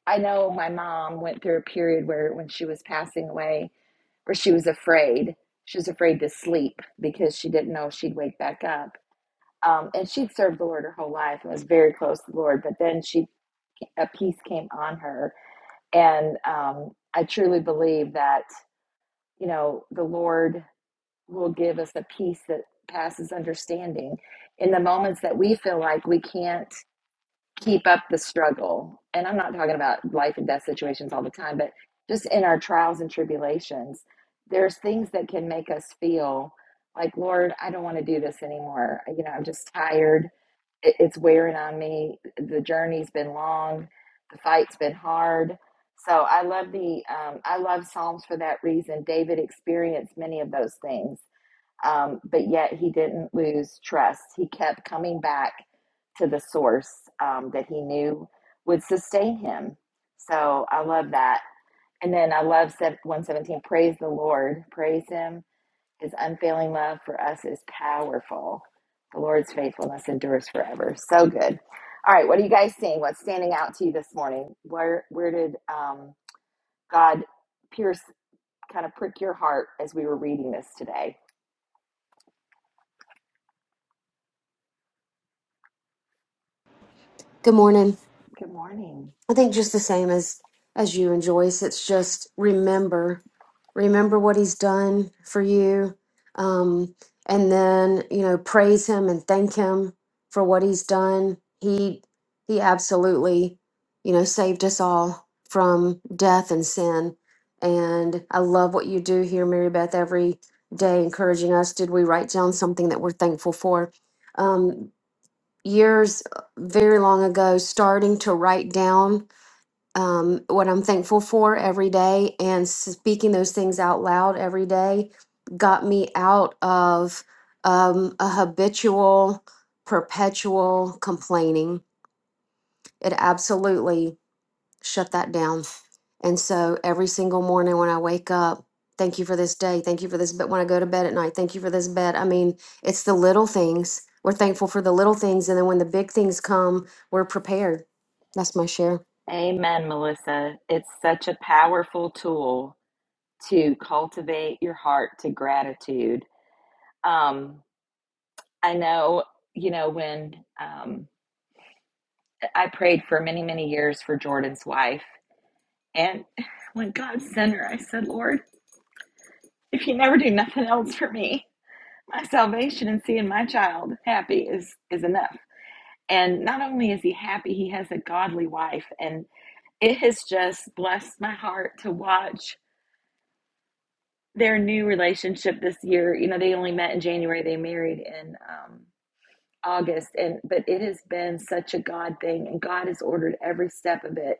i know my mom went through a period where when she was passing away where she was afraid she was afraid to sleep because she didn't know if she'd wake back up um, and she'd served the lord her whole life and was very close to the lord but then she a peace came on her and um, i truly believe that you know the lord will give us a peace that passes understanding in the moments that we feel like we can't keep up the struggle. And I'm not talking about life and death situations all the time, but just in our trials and tribulations, there's things that can make us feel like, Lord, I don't want to do this anymore. You know, I'm just tired. It- It's wearing on me. The journey's been long. The fight's been hard. So I love the um, I love Psalms for that reason. David experienced many of those things um, but yet he didn't lose trust. He kept coming back to the source um, that he knew would sustain him. So I love that. And then I love 117 praise the Lord, praise him. His unfailing love for us is powerful. The Lord's faithfulness endures forever. So good. All right, what are you guys seeing? What's standing out to you this morning? Where where did um, God pierce kind of prick your heart as we were reading this today?
Good morning.
Good morning.
I think just the same as as you and Joyce. It's just remember, remember what he's done for you, um, and then you know praise him and thank him for what he's done. He he absolutely, you know, saved us all from death and sin. And I love what you do here, Mary Beth. Every day, encouraging us. Did we write down something that we're thankful for? Um, years uh, very long ago starting to write down um, what I'm thankful for every day and speaking those things out loud every day got me out of um, a habitual, perpetual complaining. It absolutely shut that down. And so every single morning when I wake up, thank you for this day. Thank you for this But When I go to bed at night, thank you for this bed. I mean, it's the little things. We're thankful for the little things. And then when the big things come, we're prepared. That's my share.
Amen, Melissa. It's such a powerful tool to cultivate your heart to gratitude. Um, I know, you know, when um, I prayed for many, many years for Jordan's wife, and *laughs* when God sent her, I said, Lord, if you never do nothing else for me, my salvation and seeing my child happy is is enough. And not only is he happy, he has a godly wife, and it has just blessed my heart to watch their new relationship this year you know they only met in january they married in um, august and but it has been such a god thing and god has ordered every step of it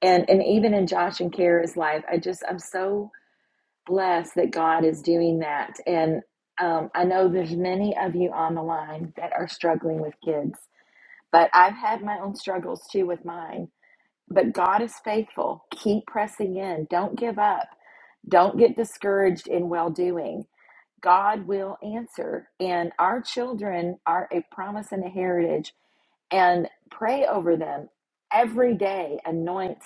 and and even in josh and kara's life i just i'm so blessed that god is doing that and um, i know there's many of you on the line that are struggling with kids but i've had my own struggles too with mine but god is faithful keep pressing in don't give up don't get discouraged in well doing God will answer. And our children are a promise and a heritage. And pray over them every day. Anoint,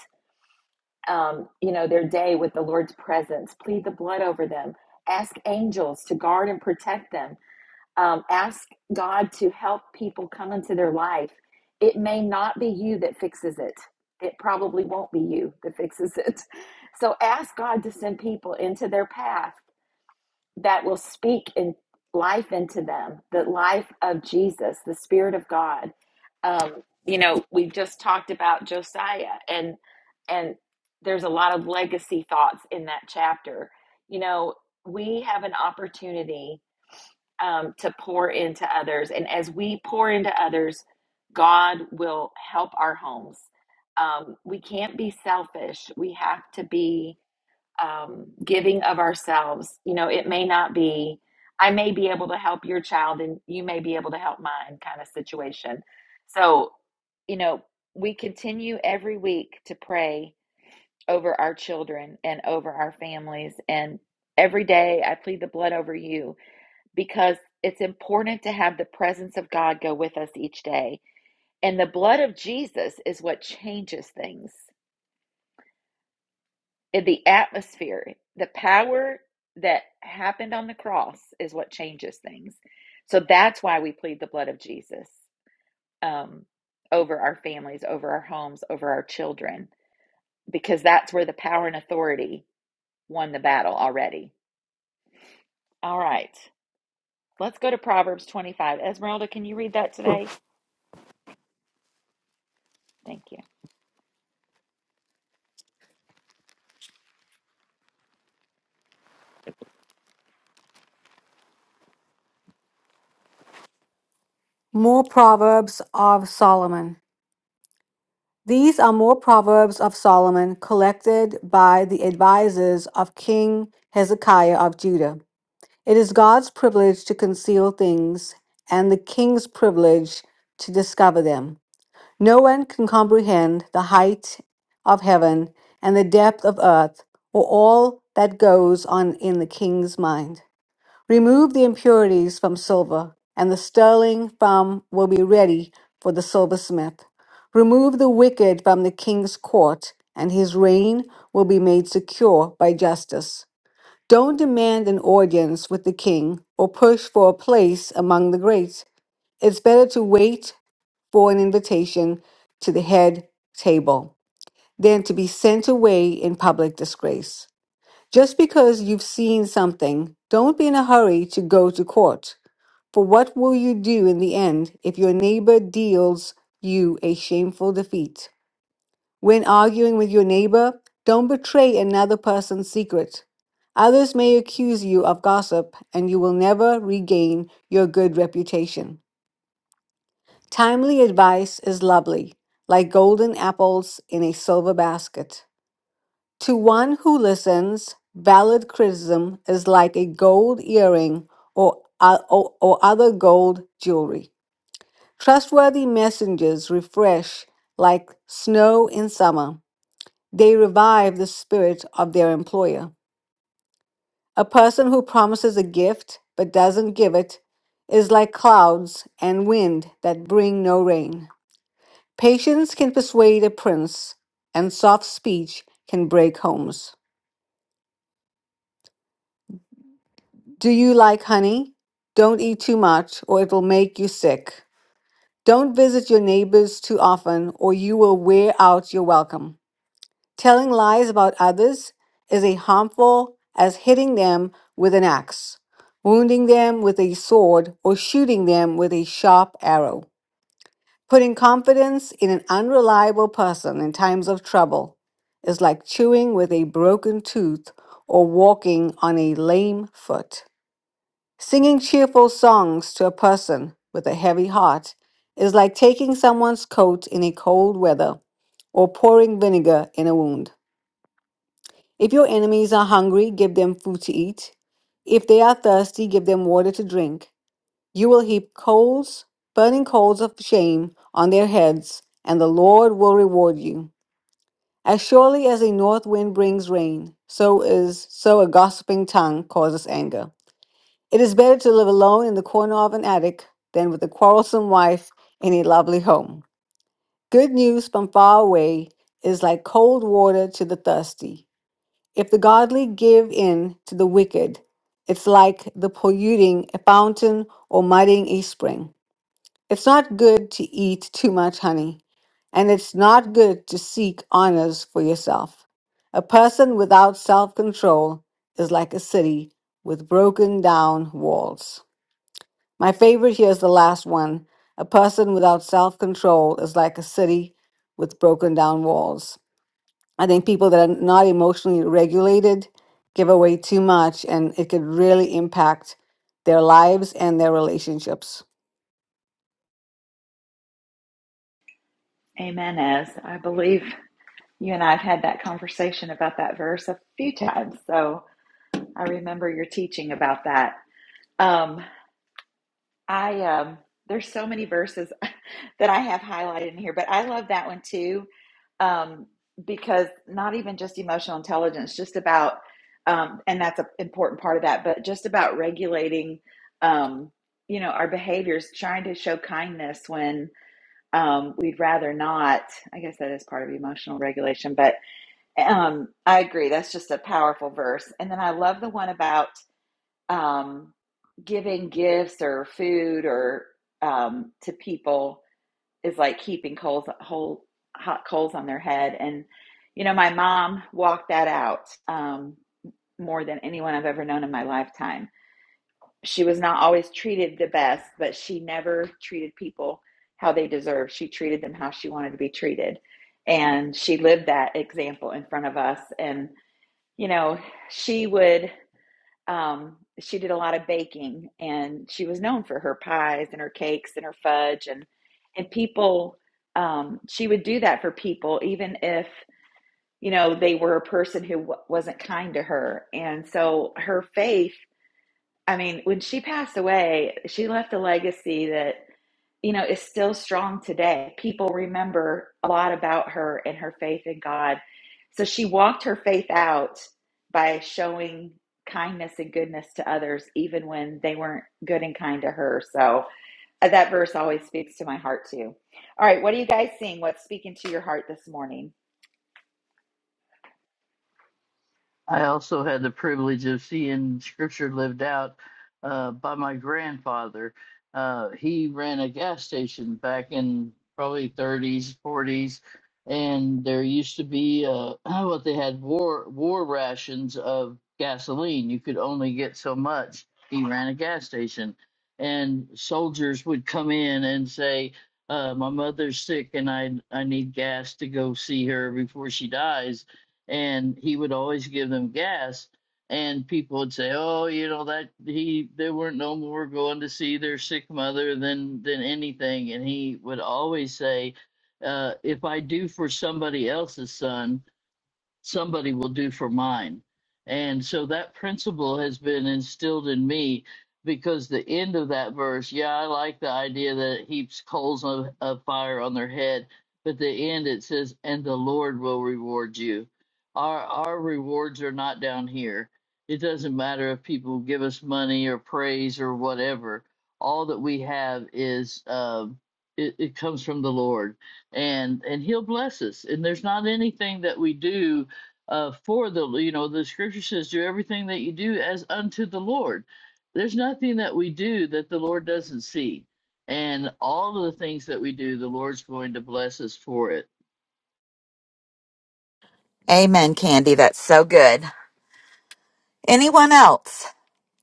um, you know, their day with the Lord's presence. Plead the blood over them. Ask angels to guard and protect them. Um, ask God to help people come into their life. It may not be you that fixes it. It probably won't be you that fixes it. *laughs* So ask God to send people into their path that will speak in life into them, the life of Jesus, the Spirit of God. Um, you know, we just talked about Josiah, and and there's a lot of legacy thoughts in that chapter. You know, we have an opportunity um, to pour into others, and as we pour into others, God will help our homes. Um, we can't be selfish. We have to be um, giving of ourselves. You know, it may not be, I may be able to help your child and you may be able to help mine kind of situation. So, you know, we continue every week to pray over our children and over our families. And every day I plead the blood over you because it's important to have the presence of God go with us each day. And the blood of Jesus is what changes things. in the atmosphere, the power that happened on the cross is what changes things. So that's why we plead the blood of Jesus um, over our families, over our homes, over our children, because that's where the power and authority won the battle already. All right, let's go to Proverbs 25. Esmeralda, can you read that today? Thank you.
More Proverbs of Solomon. These are more Proverbs of Solomon collected by the advisors of King Hezekiah of Judah. It is God's privilege to conceal things and the king's privilege to discover them. No one can comprehend the height of heaven and the depth of earth or all that goes on in the king's mind. Remove the impurities from silver, and the sterling from will be ready for the silversmith. Remove the wicked from the king's court, and his reign will be made secure by justice. Don't demand an audience with the king or push for a place among the greats. It's better to wait for an invitation to the head table than to be sent away in public disgrace. Just because you've seen something, don't be in a hurry to go to court. For what will you do in the end if your neighbor deals you a shameful defeat? When arguing with your neighbor, don't betray another person's secret. Others may accuse you of gossip, and you will never regain your good reputation. Timely advice is lovely, like golden apples in a silver basket. To one who listens, valid criticism is like a gold earring or, uh, or, or other gold jewelry. Trustworthy messengers refresh like snow in summer. They revive the spirit of their employer. A person who promises a gift but doesn't give it is like clouds and wind that bring no rain. Patience can persuade a prince, and soft speech can break homes. Do you like honey? Don't eat too much, or it will make you sick. Don't visit your neighbors too often, or you will wear out your welcome. Telling lies about others is as harmful as hitting them with an axe, wounding them with a sword, or shooting them with a sharp arrow. Putting confidence in an unreliable person in times of trouble is like chewing with a broken tooth or walking on a lame foot. Singing cheerful songs to a person with a heavy heart is like taking someone's coat in a cold weather or pouring vinegar in a wound. If your enemies are hungry, give them food to eat. If they are thirsty, give them water to drink. You will heap coals, burning coals of shame, on their heads, and the Lord will reward you. As surely as a north wind brings rain, so is so a gossiping tongue causes anger. It is better to live alone in the corner of an attic than with a quarrelsome wife in a lovely home. Good news from far away is like cold water to the thirsty if the godly give in to the wicked, it's like the polluting a fountain or muddying a spring. It's not good to eat too much honey, and it's not good to seek honors for yourself. A person without self control is like a city with broken down walls. My favorite here is the last one. A person without self control is like a city with broken down walls. I think people that are not emotionally regulated give away too much, and it could really impact their lives and their relationships.
Amen, Ez. I believe you and I have had that conversation about that verse a few times. So I remember your teaching about that. Um, I um there's so many verses *laughs* that I have highlighted in here, but I love that one too. Um because not even just emotional intelligence, just about um and that's an important part of that, but just about regulating um you know our behaviors, trying to show kindness when um we'd rather not. I guess that is part of emotional regulation, but um I agree that's just a powerful verse. And then I love the one about um, giving gifts or food or um, to people is like keeping coals whole hot coals on their head and you know my mom walked that out um, more than anyone i've ever known in my lifetime she was not always treated the best but she never treated people how they deserved she treated them how she wanted to be treated and she lived that example in front of us and you know she would um, she did a lot of baking and she was known for her pies and her cakes and her fudge and and people um, she would do that for people even if you know they were a person who w- wasn't kind to her and so her faith i mean when she passed away she left a legacy that you know, is still strong today. People remember a lot about her and her faith in God. So she walked her faith out by showing kindness and goodness to others, even when they weren't good and kind to her. So uh, that verse always speaks to my heart, too. All right, what are you guys seeing? What's speaking to your heart this morning?
I also had the privilege of seeing Scripture lived out uh, by my grandfather. Uh, he ran a gas station back in probably 30s, 40s, and there used to be uh, *clears throat* what they had war war rations of gasoline. You could only get so much. He ran a gas station, and soldiers would come in and say. Uh, my mother's sick and I I need gas to go see her before she dies and he would always give them gas and people would say oh you know that he they weren't no more going to see their sick mother than than anything and he would always say uh, if i do for somebody else's son somebody will do for mine. And so that principle has been instilled in me because the end of that verse, yeah, I like the idea that it heaps coals of, of fire on their head, but the end it says, and the Lord will reward you. Our our rewards are not down here. It doesn't matter if people give us money or praise or whatever. All that we have is um it, it comes from the Lord and and he'll bless us and there's not anything that we do uh, for the you know the scripture says do everything that you do as unto the lord there's nothing that we do that the lord doesn't see and all of the things that we do the lord's going to bless us for it
Amen, Candy. That's so good. Anyone else?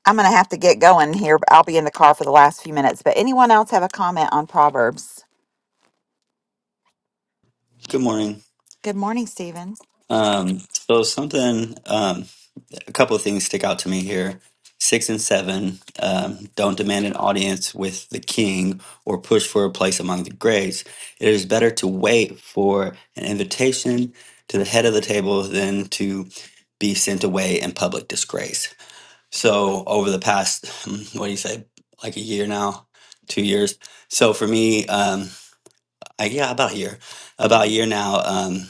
I'm going to have to get going here. but I'll be in the car for the last few minutes. But anyone else have a comment on Proverbs?
Good morning.
Good morning, Stephen.
Um, so something, um, a couple of things stick out to me here. Six and seven, um, don't demand an audience with the king or push for a place among the greats. It is better to wait for an invitation to the head of the table than to be sent away in public disgrace. So over the past, hmm, what do you say, like a year now, two years. So for me, um, I, yeah, about a year, about a year now. Um,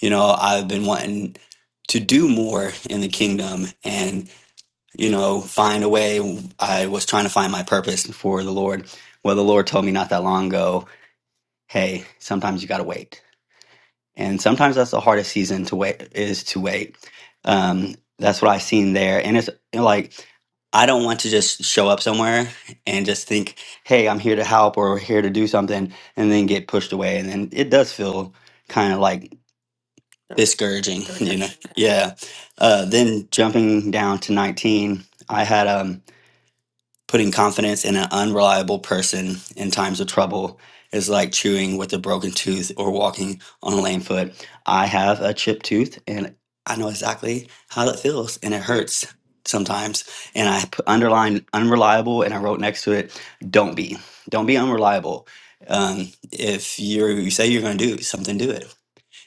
You know, I've been wanting to do more in the kingdom and, you know, find a way. I was trying to find my purpose for the Lord. Well, the Lord told me not that long ago, hey, sometimes you got to wait. And sometimes that's the hardest season to wait, is to wait. Um, that's what I've seen there. And it's you know, like, I don't want to just show up somewhere and just think, hey, I'm here to help or here to do something and then get pushed away. And then it does feel kind of like discouraging *laughs* you know yeah uh, then jumping down to 19 i had um putting confidence in an unreliable person in times of trouble is like chewing with a broken tooth or walking on a lame foot i have a chipped tooth and i know exactly how it feels and it hurts sometimes and i put underlined unreliable and i wrote next to it don't be don't be unreliable um, if you're you say you're going to do something do it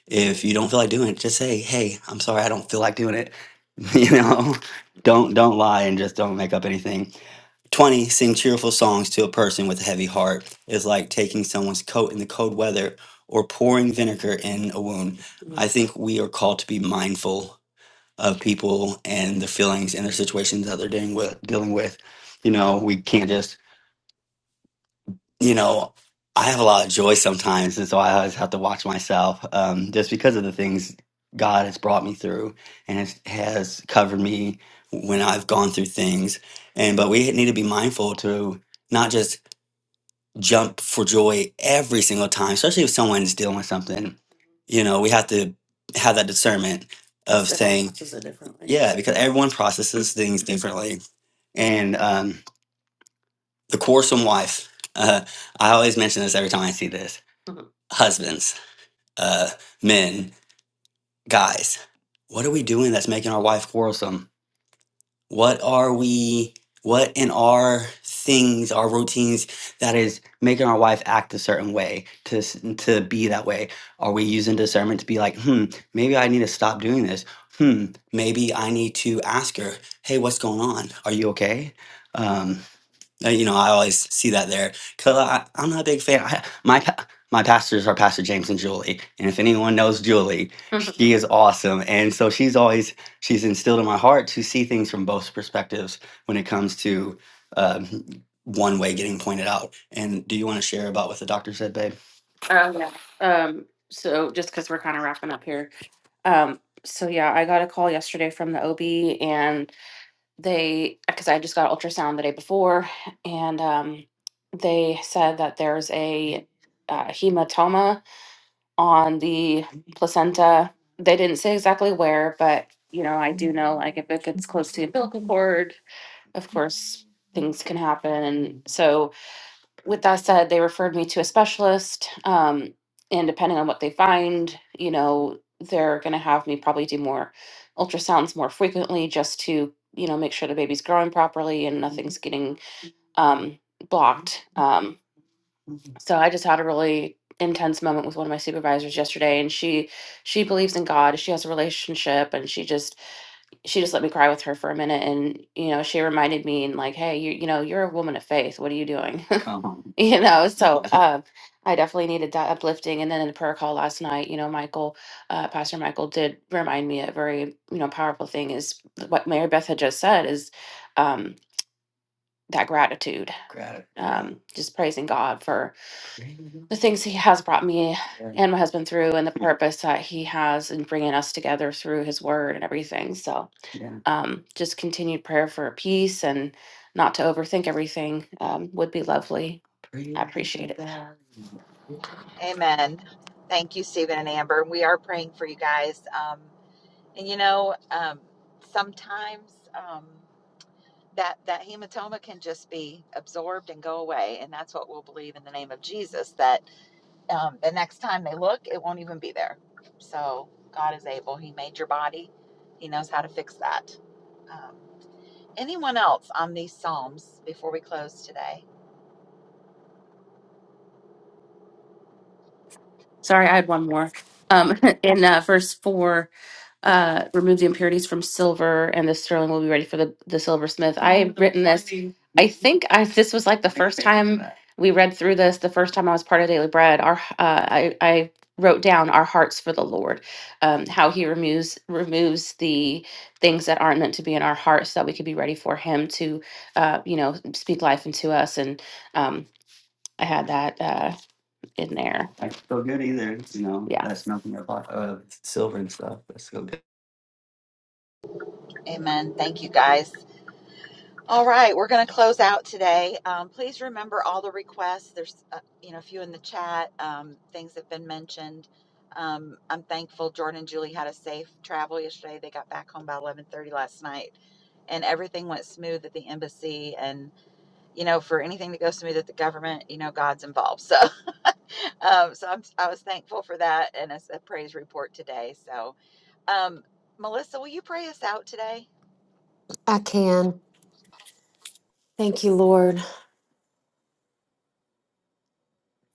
if you don't feel like doing it, just say, "Hey, I'm sorry, I don't feel like doing it." *laughs* You know, don't don't lie and just don't make up anything. 20 sing cheerful songs to a person with a heavy heart is like taking someone's coat in the cold weather or pouring vinegar in a wound. I think we are called to be mindful of people and their feelings and their situations that they're dealing with. Dealing with, you know, we can't just you know, I have a lot of joy sometimes, and so I always have to watch myself um, just because of the things God has brought me through and has, has covered me when I've gone through things. And but we need to be mindful to not just jump for joy every single time, especially if someone's dealing with something. You know, we have to have that discernment of Everyone saying, processes it differently. yeah, because everyone processes things differently, and um, the quarrelsome wife. Uh, I always mention this every time I see this. Mhm. Husbands, uh, men, guys, what are we doing that's making our wife quarrelsome? What are we, what in our things, our routines that is making our wife act a certain way, to, s- to be that way? Are we using discernment to be like, hmm, maybe I need to stop doing this? Hmm, maybe I need to ask her, hey, what's going on? Are you okay? Um, uh, You know, I always see that there. 'Cause I, I'm not a big fan. I, my pa- my pastors are Pastor James and Julie, and if anyone knows Julie, *laughs* she is awesome. And so she's always she's instilled in my heart to see things from both perspectives when it comes to um, one way getting pointed out. And do you want to share about what the doctor said, babe? Oh yeah. Um, so just because we're kind of wrapping up here. Um, so yeah, I got a call yesterday from the OB and they because I just got ultrasound the day before, and um, they said that there's a uh, hematoma on the placenta. They didn't say exactly where, but you know, I do know like if it gets close to the umbilical cord, of course things can happen. And so with that said, they referred me to a specialist. Um, and depending on what they find, you know, they're going to have me probably do more ultrasounds more frequently just to, you know, make sure the baby's growing properly and nothing's getting um, blocked. Um, so I just had a really intense moment with one of my supervisors yesterday and she she believes in God. She has a relationship and she just she just let me cry with her for a minute and you know she reminded me and like hey you you know you're a woman of faith what are you doing *laughs* Uh-huh. you know so *laughs* um i definitely needed that uplifting and then in the prayer call last night you know michael uh, pastor michael did remind me a very you know powerful thing is what mary beth had just said is um that gratitude, Gratitude. um, just praising God for the things He has brought me and my husband through, and the purpose that He has in bringing us together through His Word and everything. So, Yeah. um, just continued prayer for peace and not to overthink everything um, would be lovely. I appreciate it.
Amen. Thank you, Stephen and Amber. We are praying for you guys. Um, and you know, um, sometimes um, that that hematoma can just be absorbed and go away, and that's what we'll believe in the name of Jesus. That um, the next time they look, it won't even be there. So God is able. He made your body. He knows how to fix that. Um, anyone else on these psalms before we close today?
Sorry, I had one more. Um, *laughs* in uh, verse four. uh, remove the impurities from silver, and the sterling will be ready for the, the silversmith. I have written this. I think I this was like the first time we read through this. The first time I was part of Daily Bread, our uh, I I wrote down our hearts for the Lord, um, how He removes removes the things that aren't meant to be in our hearts, so that we could be ready for Him to, uh, you know, speak life into us. And um, I had that uh, in there. That's so good either. You know, Yeah. that's nothing about uh, silver and stuff. That's so good.
Amen. Thank you, guys. All right, we're going to close out today. Um, please remember all the requests. There's, uh, you know, a few in the chat. Um, things have been mentioned. Um, I'm thankful Jordan and Julie had a safe travel yesterday. They got back home by 11:30 last night, and everything went smooth at the embassy. And you know, for anything to go smooth at the government, you know, God's involved. So, *laughs* um, so I'm, I was thankful for that and a a praise report today. So, um, Melissa, will you pray us out today?
I can. Thank you, Lord.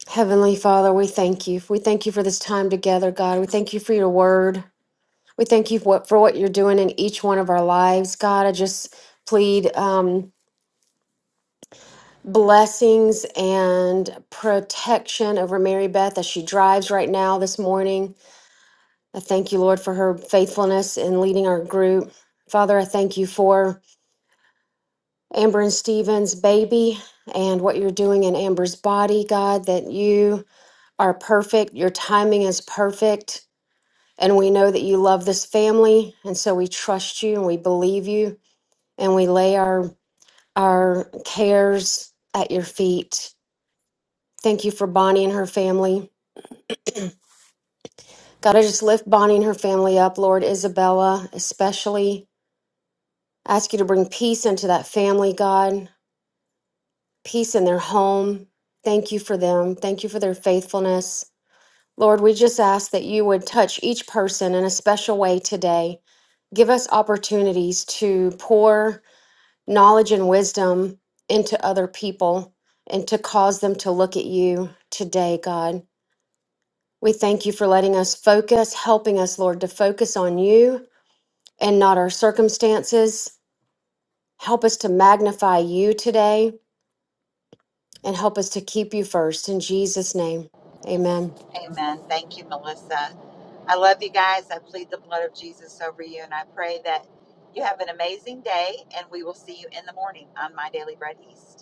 Heavenly Father, we thank you. We thank you for this time together, God. We thank you for your word. We thank you for what, for what you're doing in each one of our lives. God, I just plead. Um, blessings and protection over Mary Beth as she drives right now this morning. I thank you, Lord, for her faithfulness in leading our group. Father, I thank you for Amber and Stephen's baby and what you're doing in Amber's body, God, that you are perfect. Your timing is perfect. And we know that you love this family. And so we trust you and we believe you and we lay our, our cares at your feet. Thank you for Bonnie and her family. God, I just lift Bonnie and her family up, Lord Isabella, especially. Ask you to bring peace into that family, God, peace in their home. Thank you for them. Thank you for their faithfulness. Lord, we just ask that you would touch each person in a special way today. Give us opportunities to pour knowledge and wisdom into other people and to cause them to look at you today, God. We thank you for letting us focus, helping us, Lord, to focus on you and not our circumstances. Help us to magnify you today and help us to keep you first. In Jesus' name, amen.
Amen. Thank you, Melissa. I love you guys. I plead the blood of Jesus over you, and I pray that you have an amazing day, and we will see you in the morning on My Daily Bread East.